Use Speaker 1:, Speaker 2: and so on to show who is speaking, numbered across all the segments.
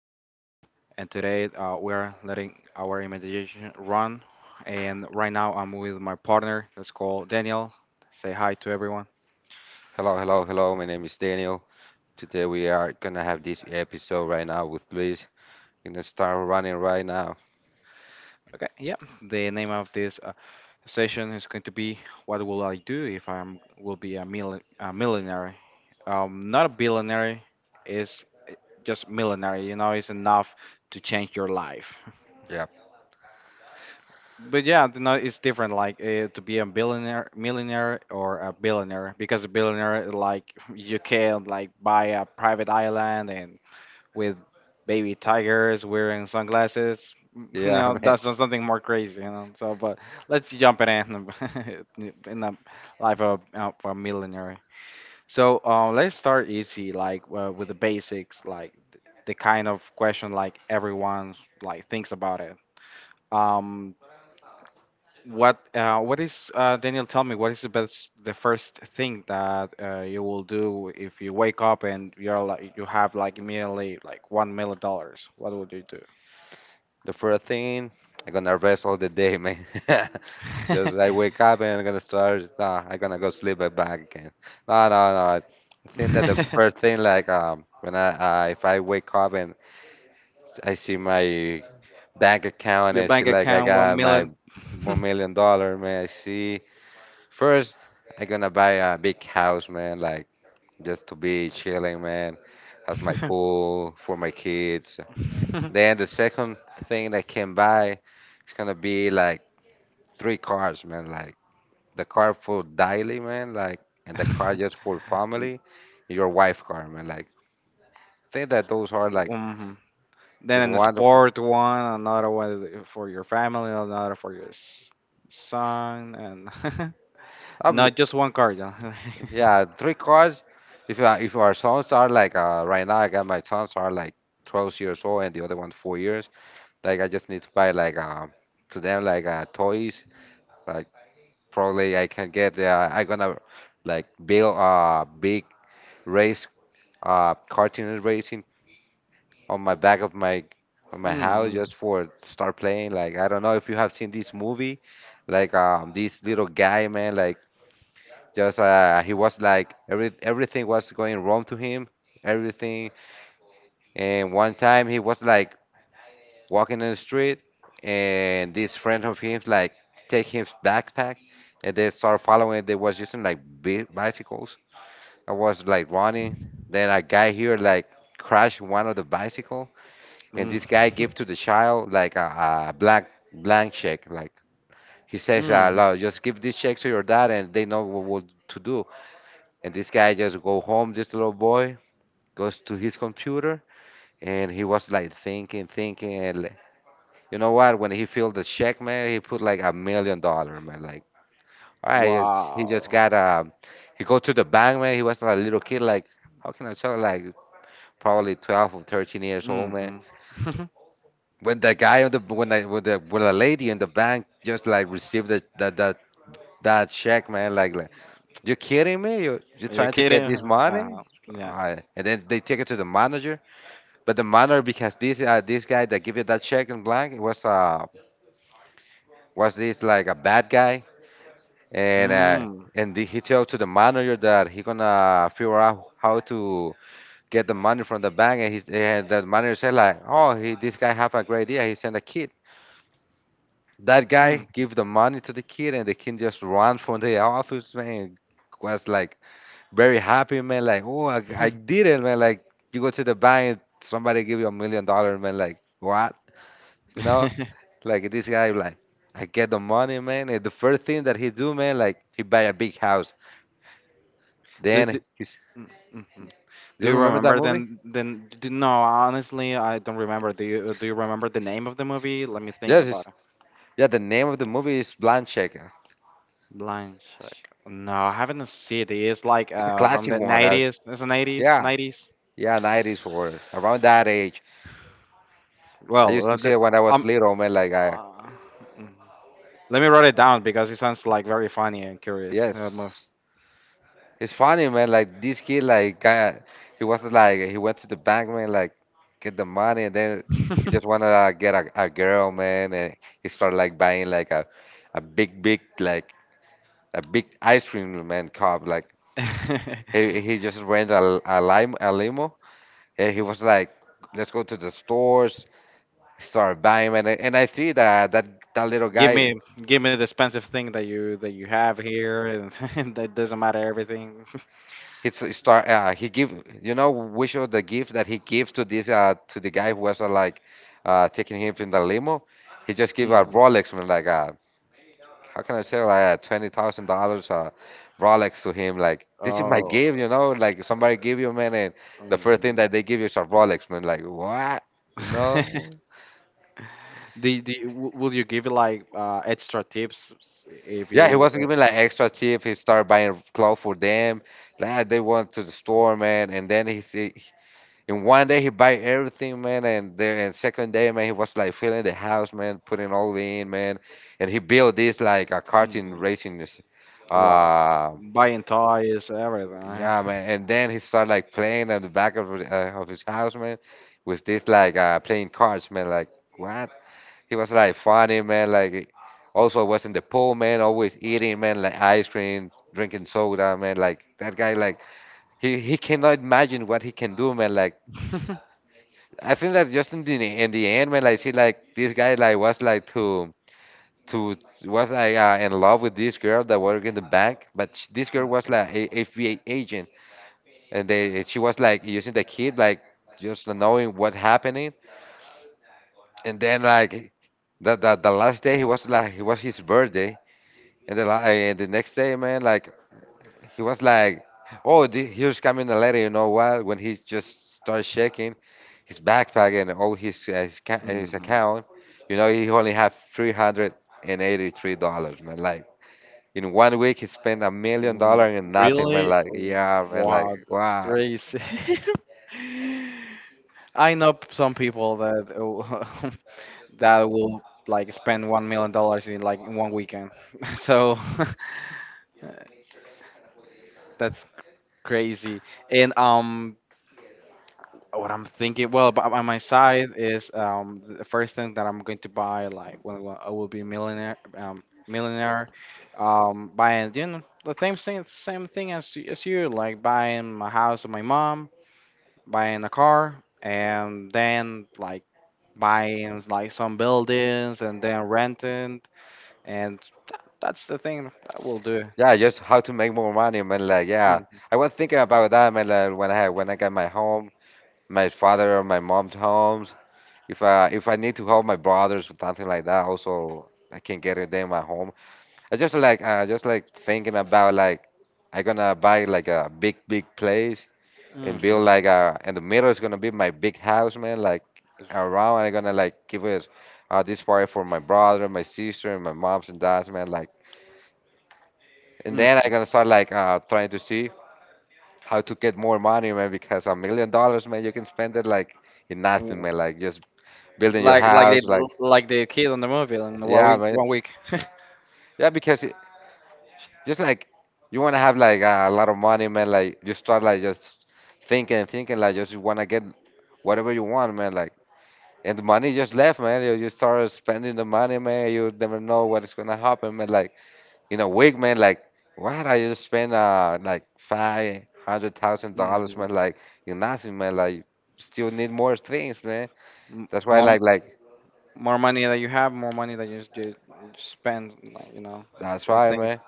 Speaker 1: I'm Luis, and today we're letting our imagination run. And right now, I'm with my partner. Let's call Daniel. Say hi to everyone.
Speaker 2: Hello, hello, hello. My name is Daniel. Today we are gonna have this episode right now with Luis. We're gonna start running right now.
Speaker 1: Okay, yeah. The name of this session is going to be "What will I do if I am will be a, a millionaire?" Not a billionaire. It's just millionaire. You know, it's enough to change your life.
Speaker 2: Yep.
Speaker 1: But yeah, no, it's different. Like to be a billionaire, millionaire, or a billionaire, because a billionaire, like, you can, like, buy a private island and with baby tigers wearing sunglasses. You know,
Speaker 2: Yeah, man.
Speaker 1: that's not something more crazy. You know, so but let's jump it in in the life of a millionaire. So let's start easy, like with the basics, like, the kind of question like everyone, like, thinks about it. Um, what is Daniel? Tell me, what is the best, the first thing that you will do if you wake up and you're like you have like immediately like $1 million? What would you do?
Speaker 2: The first thing, I'm gonna rest all the day, man. Just I wake up and I'm gonna start. Nah, I'm gonna go sleep and back again. No, no, no. I think that the first thing, like, when I if I wake up and I see my bank account and
Speaker 1: Your
Speaker 2: I see
Speaker 1: bank
Speaker 2: like I
Speaker 1: account, one
Speaker 2: got my
Speaker 1: million.
Speaker 2: one million dollar, man. I see. First, I gonna buy a big house, man, like just to be chilling, man. Has my pool for my kids. Then the second thing that I can buy is gonna be like three cars, man. Like the car for daily, man. Like and the car just for family, and your wife car, man. Like think that those are like
Speaker 1: Mhm.
Speaker 2: just
Speaker 1: Then a
Speaker 2: wonderful.
Speaker 1: sport one, another one for your family, another for your son, and
Speaker 2: Uh,
Speaker 1: not just one card. Mm-hmm.
Speaker 2: yeah, three cars. If our sons are like right now, I got my sons are like 12 years old and the other one four years. Like I just need to buy like to them like toys. Like probably I can get I gonna like build a big race cartoon racing on my back of my on my house just for start playing. Like I don't know if you have seen this movie, like this little guy man like just he was like everything was going wrong to him everything and one time he was like walking in the street, and this friend of his like take his backpack, and they start following. They was using like bicycles. I was like running. Then a guy here like crashed one of the bicycle, and this guy
Speaker 1: Mm-hmm.
Speaker 2: give to the child like a black blank check. Like he says,
Speaker 1: Hmm.
Speaker 2: "Lo, just give this check to your dad, and they know what to do." And this guy just go home. This little boy goes to his computer, and he was like thinking, thinking, and like, you know what? When he filled the check, man, he put like $1 million, man. Like, all right, it's, he just
Speaker 1: Wow.
Speaker 2: got he go to the bank, man. He was a little kid, like, how can I tell? Like, probably 12 or 13 years old, man.
Speaker 1: Hmm.
Speaker 2: When the guy on the lady in the bank just like received the that check, man, like you kidding me? You
Speaker 1: Are you
Speaker 2: trying to
Speaker 1: kidding?
Speaker 2: get this money?
Speaker 1: Yeah.
Speaker 2: And then they take it to the manager, but the manager because this guy that give you that check in blank was this like a bad guy, and uh,
Speaker 1: Mm.
Speaker 2: and the, he told to the manager that he gonna figure out how to get the money from the bank, and, he's, and the manager said like, oh, he, this guy have a great idea. He sent a kid. That
Speaker 1: Mm.
Speaker 2: guy give the money to the kid, and the kid just run from the office, man. Was like very happy, man. Like, oh, I did it, man. Like, you go to the bank, somebody give you $1 million, man. Like, what? You know? Like this guy, like, I get the money, man. And the first thing that he do, man, like, he buy a big house.
Speaker 1: do, do,
Speaker 2: Then he's,
Speaker 1: mm-hmm. Do
Speaker 2: do you
Speaker 1: you
Speaker 2: remember that
Speaker 1: remember?
Speaker 2: movie?
Speaker 1: Then? Then no, honestly, I don't remember. Do you remember the name of the movie? Let me think
Speaker 2: Yes, it's,
Speaker 1: about it.
Speaker 2: yeah. The name of the movie is Blind Check.
Speaker 1: Blind Check. No, I haven't seen it. It's like
Speaker 2: It's a
Speaker 1: from
Speaker 2: classic
Speaker 1: the
Speaker 2: one. That's,
Speaker 1: nineties. It's an 80s,
Speaker 2: yeah,
Speaker 1: 90s.
Speaker 2: yeah, nineties or around that age. I
Speaker 1: Well,
Speaker 2: used to see
Speaker 1: the,
Speaker 2: it when I was
Speaker 1: um,
Speaker 2: little, man. Like, I,
Speaker 1: uh, mm. let me write it down because it sounds like very funny and curious.
Speaker 2: yes, it's funny, man. Like this kid, like, kinda, he wasn't like he went to the bank, man, like get the money, and then he just wanna get a girl, man, and he started like buying like a big, big like a big ice cream man cup, like. He just rents a lime a limo. And he was like, "Let's go to the stores." Start buying, and I see that that little
Speaker 1: Give
Speaker 2: guy.
Speaker 1: me give me the expensive thing that you have here, and and that doesn't matter everything.
Speaker 2: Start. He give. You know, which of the gift that he gives to this to the guy who was like, taking him in the limo. He just give a
Speaker 1: Mm.
Speaker 2: Rolex, man. Like, how can I say like $20,000 Rolex to him? Like, this is my
Speaker 1: Oh.
Speaker 2: gift. You know, like somebody give you man, and the first thing
Speaker 1: Mhm.
Speaker 2: that they give you is a Rolex, man. Like, what? You know?
Speaker 1: Will you give like extra tips if
Speaker 2: Yeah, he
Speaker 1: you
Speaker 2: wasn't giving like extra tip. He started buying clothes for them. Like ah, they went to the store, man, and then he see in one day he buy everything, man, and there and second day, man, he was like filling the house, man, putting all in, man, and he built this like a karting
Speaker 1: mm,
Speaker 2: racing. S-
Speaker 1: well,
Speaker 2: Uh,
Speaker 1: buying toys everything.
Speaker 2: yeah, man, and then he started like playing at the back of his house, man, with this like playing cards, man, like. What? He was like funny, man. Like also was in the pool, man. Always eating, man. Like ice cream, drinking soda, man. Like that guy, like he cannot imagine what he can do, man. Like I think that just in the end, man. Like see, like this guy, like was to was like in love with this girl that worked in the bank, but this girl was like a FBI agent, and they she was like using the kid, like just knowing what happening, and then like the last day he was like it was his birthday. And and the next day, man, like he was like, "Oh, the, here's coming a letter." You know what? When he just starts checking his backpack and all his, his
Speaker 1: Mhm.
Speaker 2: account, you know, he only had $383, man. Like in 1 week, he spent a million
Speaker 1: Mm.
Speaker 2: dollars and nothing, man.
Speaker 1: Really?
Speaker 2: Like yeah, man. Like
Speaker 1: Wow, that's
Speaker 2: wow.
Speaker 1: crazy. I know some people that that will like spend $1 million in like in one weekend. So that's crazy. And what I'm thinking, well, on my side is the first thing that I'm going to buy, like, when I will be millionaire, millionaire, buying, you know, the same thing as you, like, buying my house or my mom, buying a car, and then, like, buying, like, some buildings, and then renting, and that's the thing that will do.
Speaker 2: Yeah, just how to make more money, man. Like yeah,
Speaker 1: Mm.
Speaker 2: I was thinking about that, man. Like when I got my home, my father or my mom's home. If I need to help my brothers or something like that, also I can get it them at home. I just like thinking about like I gonna buy like a big big place and
Speaker 1: Mhm.
Speaker 2: build like a and the middle is gonna be my big house, man. Like around I'm gonna like give it this part for my brother, my sister, and my moms and dads, man. Like and then I
Speaker 1: Mm.
Speaker 2: gonna start like trying to see how to get more money, man. Because $1 million, man, you can spend it like in nothing,
Speaker 1: W-
Speaker 2: man. Like just building your
Speaker 1: like they,
Speaker 2: house, like.
Speaker 1: like, the kid on the movie in
Speaker 2: Yeah, man.
Speaker 1: one week.
Speaker 2: Yeah, because it, just like you want to have like a lot of money, man. Like you start like just thinking, and thinking like just you want to get whatever you want, man. Like and the money just left, man. You start spending the money, man. You never know what is gonna happen, man. Like in a week, man. Like why did I just spend like $500,000,
Speaker 1: Mhm.
Speaker 2: man? Like you nothing, man. Like still need more things, man.
Speaker 1: M-
Speaker 2: That's why,
Speaker 1: More
Speaker 2: like
Speaker 1: more money that you have, more money that you spend, like, you know,
Speaker 2: that's
Speaker 1: in
Speaker 2: why,
Speaker 1: things.
Speaker 2: man.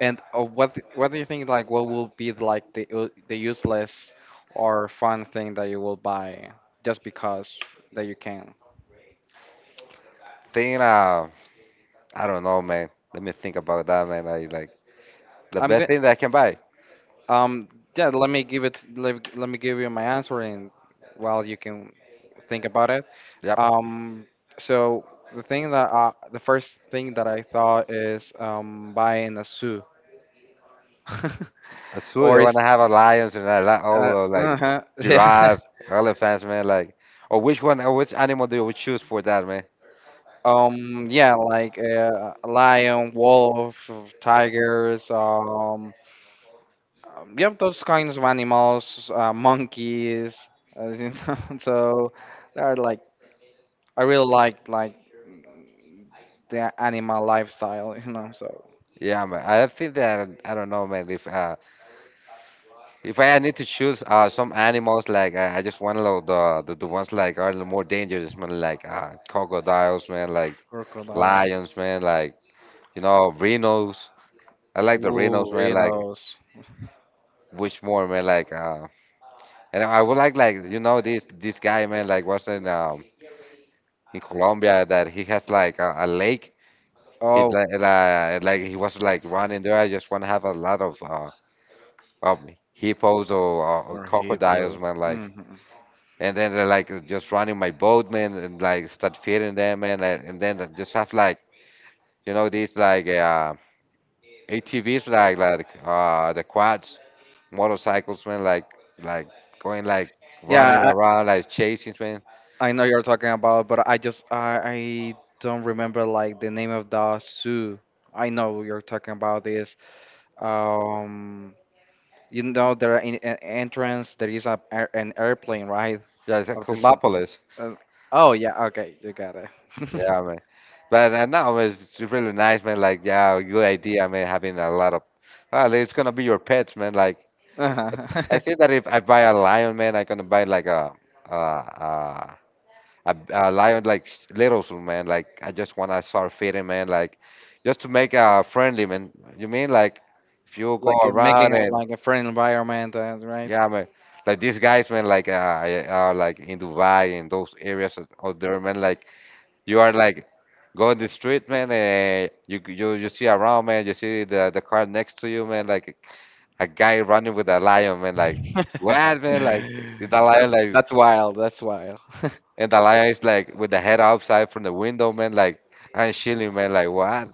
Speaker 1: And what do you think, like, what will be like the the useless or fun thing that you will buy just because that you can?
Speaker 2: Thing, I don't know, man. Let me think about that, man. I like. The
Speaker 1: I'm
Speaker 2: best
Speaker 1: good.
Speaker 2: thing that I can buy.
Speaker 1: Um, yeah, let me let me give you my answer, and while you can think about it.
Speaker 2: Yep.
Speaker 1: Um, so the the first thing that I thought is buying a zoo.
Speaker 2: A zoo.
Speaker 1: or
Speaker 2: You
Speaker 1: is
Speaker 2: wanna have a lions and a oh, like
Speaker 1: uh-huh, yeah.
Speaker 2: giraffe, elephants, man. Like, or which one? Or which animal do you choose for that, man?
Speaker 1: Yeah, like, lion, wolf, tigers, yep, those kinds of animals, monkeys, you know, so they are like, I really like the animal lifestyle, you know, so
Speaker 2: Yeah, man. I think that I don't know, man. If I need to choose some animals, like I just want to the ones like are the more dangerous, man. Like crocodiles, man. Like
Speaker 1: crocodile,
Speaker 2: lions, man. Like you know rhinos. I like the rhinos,
Speaker 1: ooh,
Speaker 2: man. Like
Speaker 1: rhinos,
Speaker 2: which more, man? Like. And I would like you know this guy man like wasn't in Colombia that he has like a lake. He
Speaker 1: oh,
Speaker 2: like he was like running there. I just want to have a lot of of hippos or
Speaker 1: or hippos.
Speaker 2: crocodiles, man.
Speaker 1: Hmm.
Speaker 2: Like and then they're like just running my boat, man, and like start feeding them, man, and then I just have like you know these like ATVs, like the quads, motorcycles, man, like going like running
Speaker 1: Yeah,
Speaker 2: around like chasing, man.
Speaker 1: I know you're talking about, but I don't remember, like, the name of the zoo. I know you're talking about this. Um, you know, there are in, an entrance there is an airplane, right?
Speaker 2: Yeah, it's a
Speaker 1: Of this.
Speaker 2: Cosmopolis.
Speaker 1: Uh, oh yeah, okay, you got it.
Speaker 2: Yeah, man. But no, it's really nice, man. Like, yeah, good idea, man. Having a lot of, well, it's gonna be your pets, man. Like, I
Speaker 1: Uh-huh.
Speaker 2: say that if I buy a lion, man, I'm gonna buy like a a, a, a lion like little soon, man. Like, I just wanna start feeding, man. Like, just to make a friendly, man. You mean like if you go
Speaker 1: Like, making
Speaker 2: around
Speaker 1: it
Speaker 2: and
Speaker 1: like a friendly environment, right?
Speaker 2: yeah, man. Like these guys, man, like are like in Dubai and those areas out there, man. Like you are like going the street, man, and you see around, man. You see the car next to you, man, like a guy running with a lion, man. Like what, man? Like is the lion
Speaker 1: That's
Speaker 2: like
Speaker 1: that's wild. That's wild.
Speaker 2: and the lion is like with the head outside from the window, man. Like I'm chilling, man. Like what?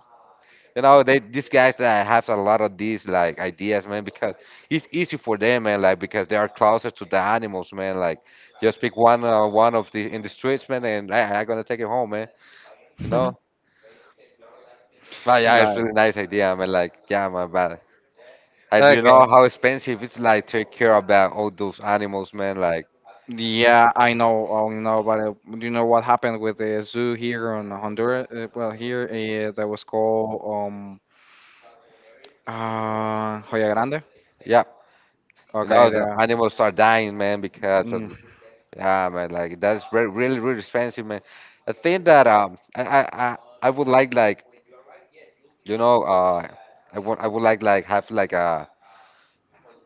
Speaker 2: You know, they these guys have a lot of these like ideas, man, because it's easy for them, man. Like because they are closer to the animals, man. Like just pick one of the in the streets, man, and I gonna take it home, man. You know. Oh yeah, it's
Speaker 1: Right.
Speaker 2: really nice idea. I mean, like, yeah, my bad. And you
Speaker 1: Okay.
Speaker 2: know how expensive it's like take care about all those animals, man. Like,
Speaker 1: Yeah, I know, but you know what happened with the zoo here in Honduras? Well, here that was called um Joya Grande.
Speaker 2: yeah, you
Speaker 1: Okay,
Speaker 2: know the
Speaker 1: the
Speaker 2: animals start dying, man, because of
Speaker 1: mm,
Speaker 2: yeah, man. Like that's very, really, really expensive, man. I think that I would like you know I would like have like a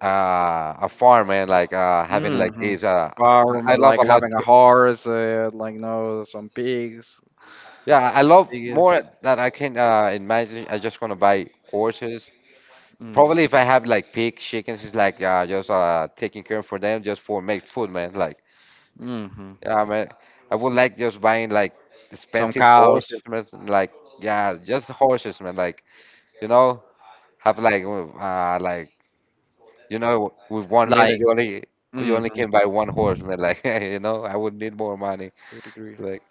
Speaker 2: uh a farm, man. Like having like
Speaker 1: hmm
Speaker 2: this. I
Speaker 1: farm,
Speaker 2: I love
Speaker 1: like,
Speaker 2: a lot.
Speaker 1: having a horse, like, no, some pigs,
Speaker 2: Yeah, I love
Speaker 1: pigs,
Speaker 2: more that I can imagine. I just want to buy horses. Probably
Speaker 1: mm-hmm,
Speaker 2: if I have like pig, chickens, it's like just taking care for them just for make food, man. Like,
Speaker 1: mm-hmm,
Speaker 2: yeah, man, I would like just buying like
Speaker 1: some
Speaker 2: expensive
Speaker 1: cows,
Speaker 2: horses, man. Like, yeah, just horses, man. Like, you know, have like, you know, with 1 million,
Speaker 1: like,
Speaker 2: you only
Speaker 1: mm-hmm,
Speaker 2: can buy one horse, man. Like, you know, I would need more money.
Speaker 1: agree.
Speaker 2: Like,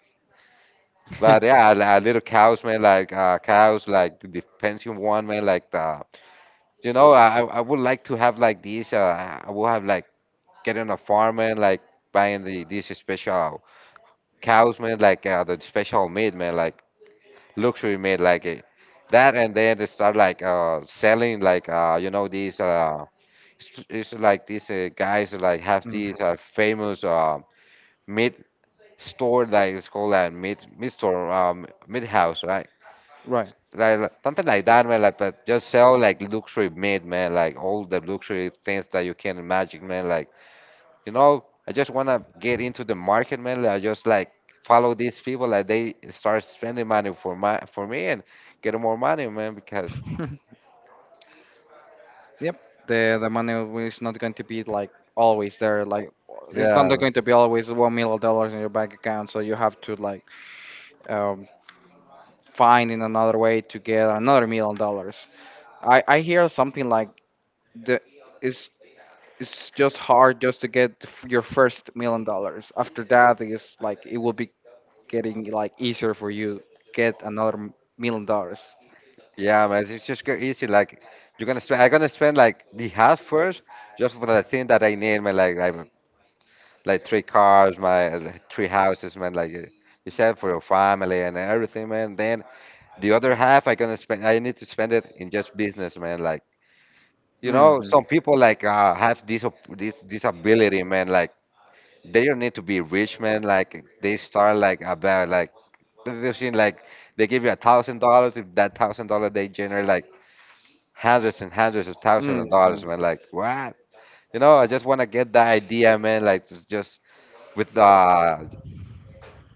Speaker 2: but yeah, little cows, man. Like cows, like the pension one, man. Like the, you know, I would like to have like these. I will have like getting a farm, man, like buying these special cows, man, like the special meat, man, like luxury meat, like that, and then they start like selling, like you know these it's like these guys like have
Speaker 1: Hmm.
Speaker 2: these famous meat store that is called a meat store meat house, right?
Speaker 1: Right.
Speaker 2: Like, something like that, man. Like, but just sell like luxury meat, man. Like all the luxury things that you can imagine, man. Like you know, I just want to get into the market, man. Like, I just like follow these people, like they start spending money for me and get more money, man. Because
Speaker 1: Yep, the money is not going to be, like, always there. Like, it's not
Speaker 2: yeah, man.
Speaker 1: going to be always $1 million in your bank account, so you have to, like, um, find in another way to get another million dollars. I hear something, like, the it's it's just hard just to get your first million dollars. After that, it's like it will be getting, like, easier for you, get another million dollars.
Speaker 2: Yeah, man, it's just go easy. Like I'm gonna spend like the half first just for the thing that I need, man. Like, three cars, my like, three houses, man. Like you said for your family and everything, man. Then the other half, I gonna spend. I need to spend it in just business, man. Like you
Speaker 1: Hmm.
Speaker 2: know, some people like have this op- this this ability, man. Like they don't need to be rich, man. Like they start like about like they've seen like they give you $1,000. If that $1,000 they generate like hundreds and hundreds of thousands of
Speaker 1: Hmm.
Speaker 2: dollars, man. Like what? You know, I just wanna get that idea, man. Like just with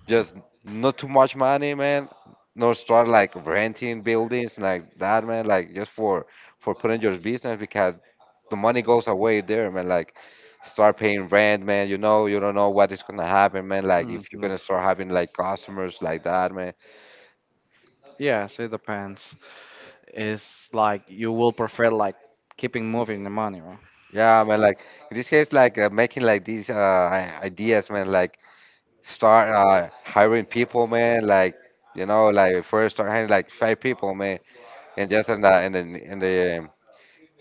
Speaker 2: just not too much money, man. Not start like renting buildings like that, man. Like just for putting your business because the money goes away there, man. Like start paying rent, man. You know, you don't know what is gonna happen, man. Like if you're
Speaker 1: Hmm.
Speaker 2: gonna start having like customers like that, man.
Speaker 1: Yeah, see, the pants. It's like you will prefer, like, keeping moving the money, right?
Speaker 2: Yeah, man. Like in this case, like making like these ideas, man. Like start hiring people, man. Like you know, like first start hiring like five people, man, and just in the in the in the um,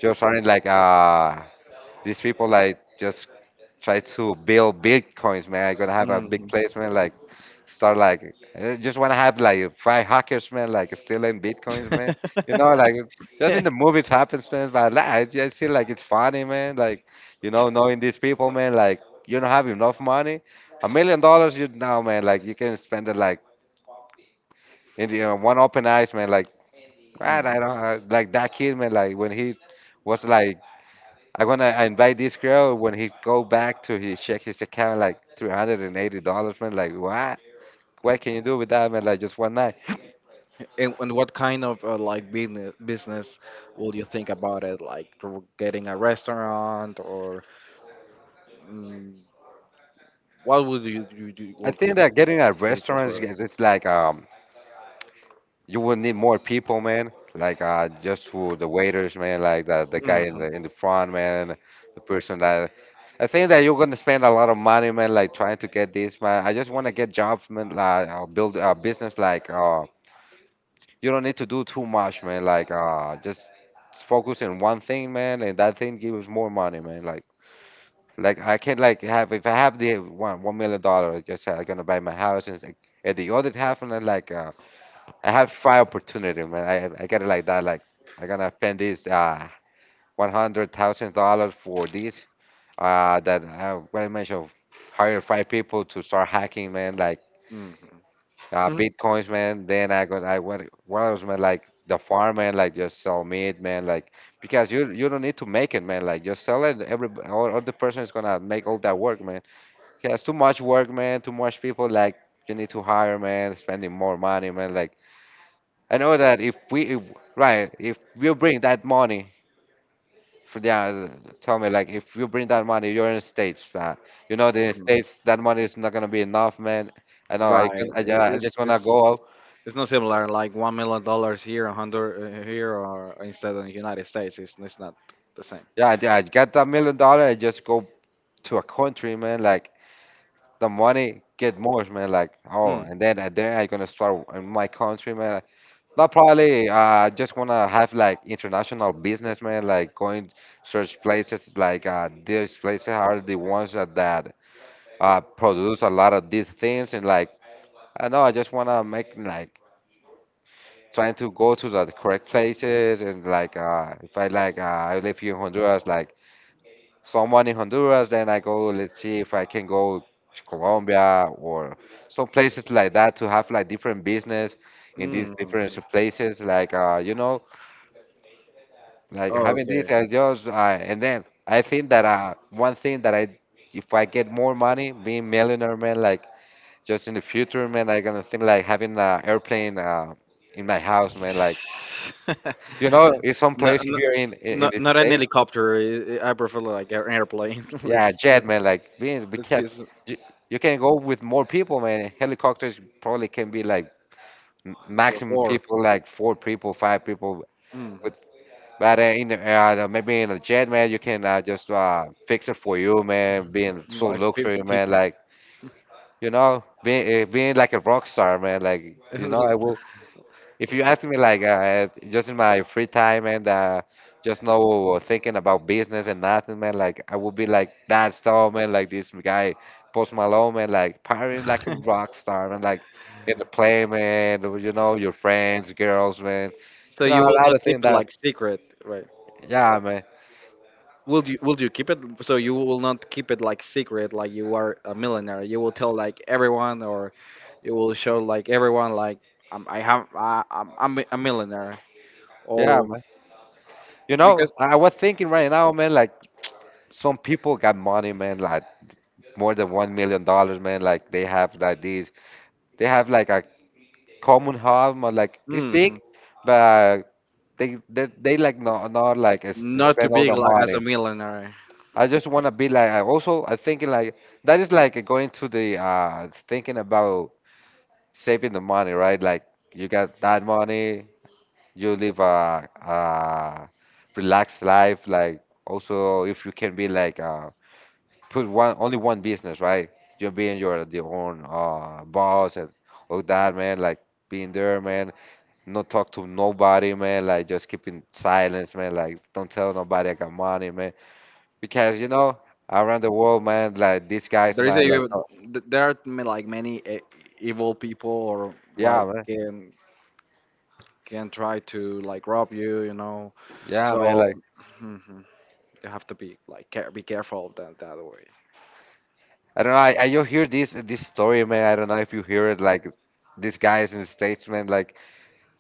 Speaker 2: Just running like these people like just try to build bitcoins, man. I gonna have a big
Speaker 1: Hmm.
Speaker 2: place, man. Like start like I just wanna have like five hackers, man. Like stealing bitcoins, man. You know, like just in the movies happens, man. But like, I just feel like it's funny, man. Like you know, knowing these people, man. Like you don't have enough money, $1 million, you know, man. Like you can spend it like in the, you know, one open eyes, man. Like man, I
Speaker 1: Mm.
Speaker 2: don't like that kid, man. Like when he was like I'm gonna invite this girl when he go back to his check his account like $380, man. Like what? What can you do with that, man? Like just one night.
Speaker 1: And what kind of like, business will you think about it? Like, to getting a restaurant, or mm, what would you
Speaker 2: I
Speaker 1: would you
Speaker 2: think that getting a restaurant is
Speaker 1: prefer?
Speaker 2: it's like you will need more people, man. Like just for the waiters, man. Like the guy in
Speaker 1: Hmm.
Speaker 2: the in the front, man. The person that I think that you're gonna spend a lot of money, man. Like trying to get this, man. I just wanna get jobs, man. Like build a business, like. You don't need to do too much, man. Like, just focus on one thing, man, and that thing gives more money, man. Like I can like have if I have the one million dollar, I'm gonna buy my house, and, and the other half, and I like I have five opportunity, man. I got it like that. Like, I'm gonna spend this $100,000 for this. That what I mentioned, hire five people to start hacking, man. Like.
Speaker 1: Hmm.
Speaker 2: uh,
Speaker 1: Hmm.
Speaker 2: bitcoins, man. Then I went what else, man? Like the farm, man. Like just sell meat, man. Like because you don't need to make it, man. Like just sell it. Or, the person is gonna make all that work, man. Yeah, it's too much work, man. Too much people. Like you need to hire, man. Spending more money, man. Like I know that if we if, right if you bring that money. For the, tell me like if you bring that money, you're in states. You know the states that money is not gonna be enough, man. I know. I can.
Speaker 1: Right. It-
Speaker 2: I
Speaker 1: It's
Speaker 2: just wanna
Speaker 1: it's
Speaker 2: go.
Speaker 1: it's not similar. Like, $1 million here, 100 here, or instead of the United States, it's not the same.
Speaker 2: Yeah, I get that million dollar and just go to a country, man. Like the money get more, man. Like oh,
Speaker 1: Mm.
Speaker 2: and then I gonna start in my country, man. Like, not probably. I just wanna have like international business, man. Like going search places. Like these places are the ones that produce a lot of these things, and like I know I just wanna make like trying to go to the correct places, and like if I like I live here in Honduras, like. Someone in Honduras, then I go, let's see if I can go to Colombia or some places like that to have like different business in these
Speaker 1: Mm.
Speaker 2: different
Speaker 1: Mhm.
Speaker 2: places. Like, you know, like having
Speaker 1: Okay.
Speaker 2: this, and then I think that one thing that I, if I get more money, being millionaire, man, like just in the future, man, I gonna think like having an airplane in my house, man, like, you know, in some
Speaker 1: No,
Speaker 2: place
Speaker 1: no,
Speaker 2: here in
Speaker 1: no,
Speaker 2: the
Speaker 1: not an
Speaker 2: States.
Speaker 1: helicopter. I prefer, like, an airplane.
Speaker 2: Yeah,
Speaker 1: let's
Speaker 2: jet
Speaker 1: let's
Speaker 2: man, like being
Speaker 1: let's
Speaker 2: because
Speaker 1: be
Speaker 2: you, you can go with more people, man. Helicopters probably can be like
Speaker 1: just
Speaker 2: maximum
Speaker 1: four.
Speaker 2: people, like four people, five people.
Speaker 1: Mm.
Speaker 2: With but in the, maybe in a jet, man, you can just fix it for you, man. Being so
Speaker 1: Like
Speaker 2: luxury,
Speaker 1: 50.
Speaker 2: man, like you know, being like a rock star, man. Like you know, I will if you ask me, like, just in my free time and just no thinking about business and nothing, man, like, I would be like that star, man, like this guy, Post Malone, man, like, partying like a rock star, man, like, in the play, man, you know, your friends, girls, man,
Speaker 1: So
Speaker 2: you know,
Speaker 1: you
Speaker 2: a
Speaker 1: will
Speaker 2: lot of
Speaker 1: not keep
Speaker 2: things
Speaker 1: it,
Speaker 2: that,
Speaker 1: like, secret, right?
Speaker 2: yeah, man,
Speaker 1: Will you keep it so you will not keep it, like, secret, like you are a millionaire. You will tell, like, everyone, or you will show, like, everyone, like, I'm, I have I, I'm a millionaire,
Speaker 2: yeah,
Speaker 1: or
Speaker 2: man. You know,
Speaker 1: because
Speaker 2: I was thinking right now, man, like, some people got money, man, like, more than $1 million, man, like, they have like a common harm, or like you
Speaker 1: mm,
Speaker 2: speak, but they like not like
Speaker 1: not too
Speaker 2: spend all
Speaker 1: big
Speaker 2: the
Speaker 1: like as a
Speaker 2: money.
Speaker 1: millionaire.
Speaker 2: I just want to be like I also I thinking like that is like going to the thinking about saving the money, right? Like you got that money, you live a relaxed life. Like also if you can be like put one only one business, right? You're being your the own boss and all that, man, like being there, man, not talk to nobody, man. Like just keeping silence, man. Like don't tell nobody I got money, man. Because you know around the world, man. Like these guys,
Speaker 1: There is a
Speaker 2: man. Like oh,
Speaker 1: there are like many evil people, or,
Speaker 2: yeah,
Speaker 1: like,
Speaker 2: man.
Speaker 1: can try to, like, rob you, you know.
Speaker 2: Yeah, man. Like
Speaker 1: So, mhm, you have to be, like, care, be careful of that way.
Speaker 2: I don't know. I you hear this story, man. I don't know if you hear it. Like these guys in the states, man. Like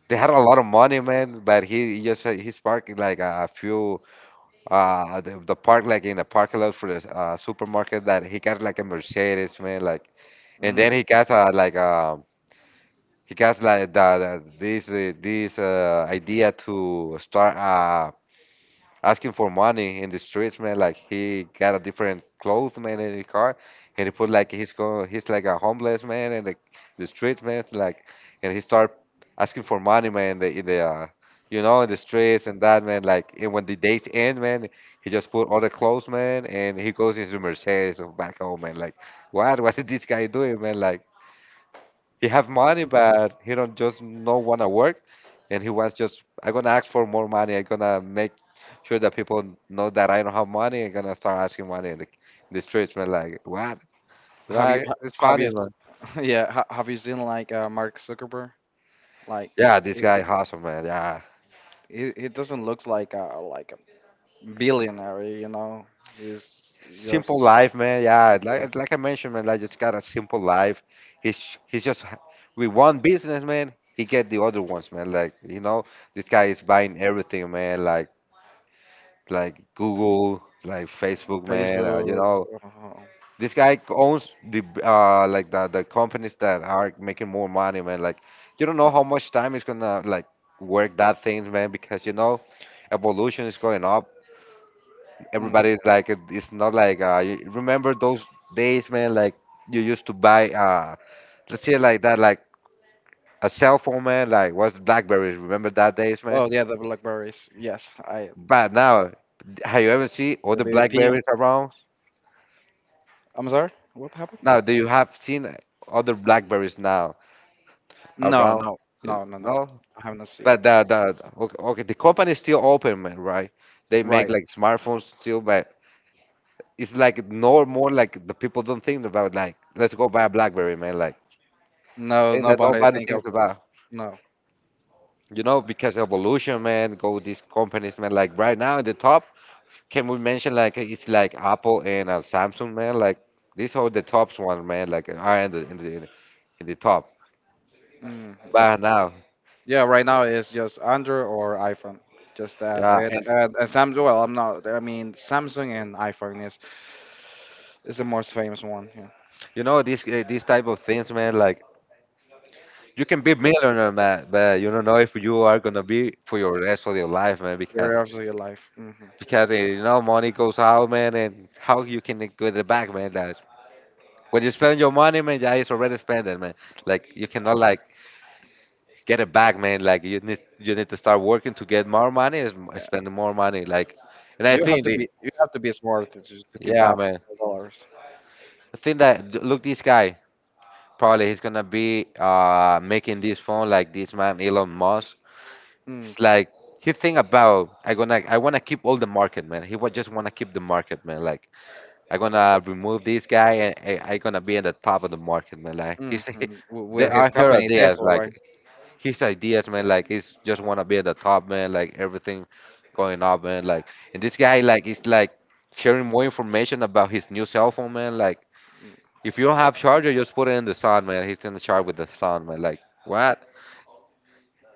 Speaker 2: they had a lot of money, man. But he's parking like a few the park like in the parking lot for the supermarket, that he got like a Mercedes, man. Like and
Speaker 1: Mm.
Speaker 2: then he got a like a. He got like this idea to start asking for money in the streets, man. Like he got a different clothes, man, in his car, and he put like he's like a homeless man in the streets, man. It's like, and he start asking for money, man, in the you know in the streets and that, man. Like and when the days end, man, he just put all the clothes, man, and he goes into Mercedes, oh, back home, man. Like, what what is this guy doing, man? Like. He have money, but he don't just no wanna work, and he wants just I gonna ask for more money. I gonna make sure that people know that I don't have money. I gonna start asking money in the streets, man. Like what?
Speaker 1: Have you ha-
Speaker 2: It's
Speaker 1: have you
Speaker 2: funny, man.
Speaker 1: s- yeah, have you seen like Mark Zuckerberg? Like,
Speaker 2: Yeah, this
Speaker 1: it,
Speaker 2: guy awesome, man. Yeah,
Speaker 1: it doesn't look like a billionaire, you know. He's just
Speaker 2: simple life, man. Yeah,
Speaker 1: people, like,
Speaker 2: like I mentioned, man. Like just got a simple life. He's he's just ha- with one business, man. He get the other ones, man. Like you know, this guy is buying everything, man. Like Google, like Facebook, man. You
Speaker 1: Facebook.
Speaker 2: know,
Speaker 1: Uh,
Speaker 2: this guy owns the like the companies that are making more money, man. Like you don't know how much time it's gonna like work that things, man, because you know evolution is going up.
Speaker 1: mm.
Speaker 2: Everybody's like, it's not like you remember those days, man. Like you used to buy let's say it like that, like a cell phone, man. Like was BlackBerries. Remember that days, man.
Speaker 1: Oh yeah, the Blackberries. Yes, I
Speaker 2: But now, have you ever seen all
Speaker 1: the
Speaker 2: the
Speaker 1: BBP.
Speaker 2: BlackBerries around?
Speaker 1: I'm sorry. What happened?
Speaker 2: Now, do you have seen other blackberries now
Speaker 1: No,
Speaker 2: around?
Speaker 1: no, no, no, no.
Speaker 2: No,
Speaker 1: I haven't seen
Speaker 2: but
Speaker 1: it.
Speaker 2: okay, okay, the company is still open, man, right? They make
Speaker 1: Right.
Speaker 2: like smartphones still, but it's like no more, like the people don't think about like let's go buy a blackberry, man. Like
Speaker 1: No,
Speaker 2: thing that
Speaker 1: nobody
Speaker 2: nobody
Speaker 1: think of
Speaker 2: thinks
Speaker 1: it.
Speaker 2: about,
Speaker 1: No.
Speaker 2: you know, because evolution, man. Go these companies, man. Like right now at the top, can we mention like it's like Apple and Samsung, man? Like these are the tops one, man. Like are in the in the in the top.
Speaker 1: Mm.
Speaker 2: But now,
Speaker 1: Yeah, right now it's just Android or iPhone. Just that.
Speaker 2: yeah,
Speaker 1: And,
Speaker 2: and
Speaker 1: and Samsung, well, I'm not, I mean, Samsung and iPhone is the most famous one. Yeah.
Speaker 2: you know these these type of things, man. Like you can be millionaire, man, but you don't know if you are gonna be for your rest of your life, man.
Speaker 1: Your of your life. Hmm.
Speaker 2: Because you know money goes out, man, and how you can get it back, man. That when you spend your money, man, yeah, it's already spent, it, man. Like you cannot like get it back, man. Like you need to start working to get more money, is
Speaker 1: Yeah.
Speaker 2: spending more money. Like, and I
Speaker 1: You have
Speaker 2: think
Speaker 1: to
Speaker 2: the
Speaker 1: be, you have to be smart to, to keep
Speaker 2: yeah,
Speaker 1: that
Speaker 2: man.
Speaker 1: dollars.
Speaker 2: I think that look, this guy probably he's gonna be making this phone like this man Elon Musk.
Speaker 1: Hmm.
Speaker 2: It's like he think about I gonna I wanna keep all the market, man. Just wanna keep the market, man. Like I gonna remove this guy and I gonna be at the top of the market, man. Like
Speaker 1: Hmm. With
Speaker 2: there
Speaker 1: his
Speaker 2: are her
Speaker 1: company,
Speaker 2: ideas,
Speaker 1: Tesla,
Speaker 2: like
Speaker 1: right?
Speaker 2: his ideas, man. Like he's just wanna be at the top, man. Like everything going up, man. Like and this guy, like is like sharing more information about his new cell phone, man. Like
Speaker 1: Mm.
Speaker 2: if you don't have charger, just put it in the sun, man. He's in the charge with the sun, man. Like what?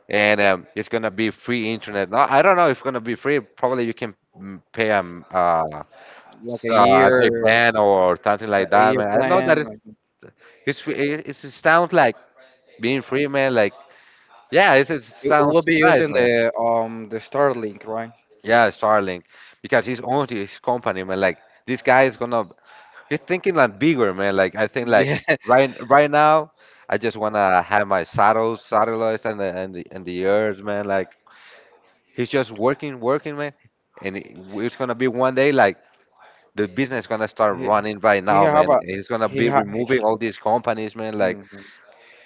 Speaker 2: And it's gonna be free internet. No, I don't know if it's gonna be free. Probably you can pay
Speaker 1: Like
Speaker 2: a plan or something like
Speaker 1: a
Speaker 2: that,
Speaker 1: year
Speaker 2: man. I know that
Speaker 1: plan. Like,
Speaker 2: it sounds like being free, man. Like yeah, it's, it
Speaker 1: it
Speaker 2: sounds
Speaker 1: will be
Speaker 2: nice,
Speaker 1: using
Speaker 2: man.
Speaker 1: the Starlink, right?
Speaker 2: Yeah, Starlink, because he's owned his company, man. Like this guy is gonna he's thinking like bigger, man. Like I think like
Speaker 1: Yeah.
Speaker 2: right now. I just wanna have my saddles, satellites, and the earth, man. Like he's just working, working, man. And it's gonna be one day like the business gonna start
Speaker 1: He,
Speaker 2: running right
Speaker 1: he
Speaker 2: now,
Speaker 1: have
Speaker 2: man.
Speaker 1: a,
Speaker 2: He's gonna
Speaker 1: he
Speaker 2: be
Speaker 1: ha, he,
Speaker 2: removing all these companies, man. Like
Speaker 1: mhm.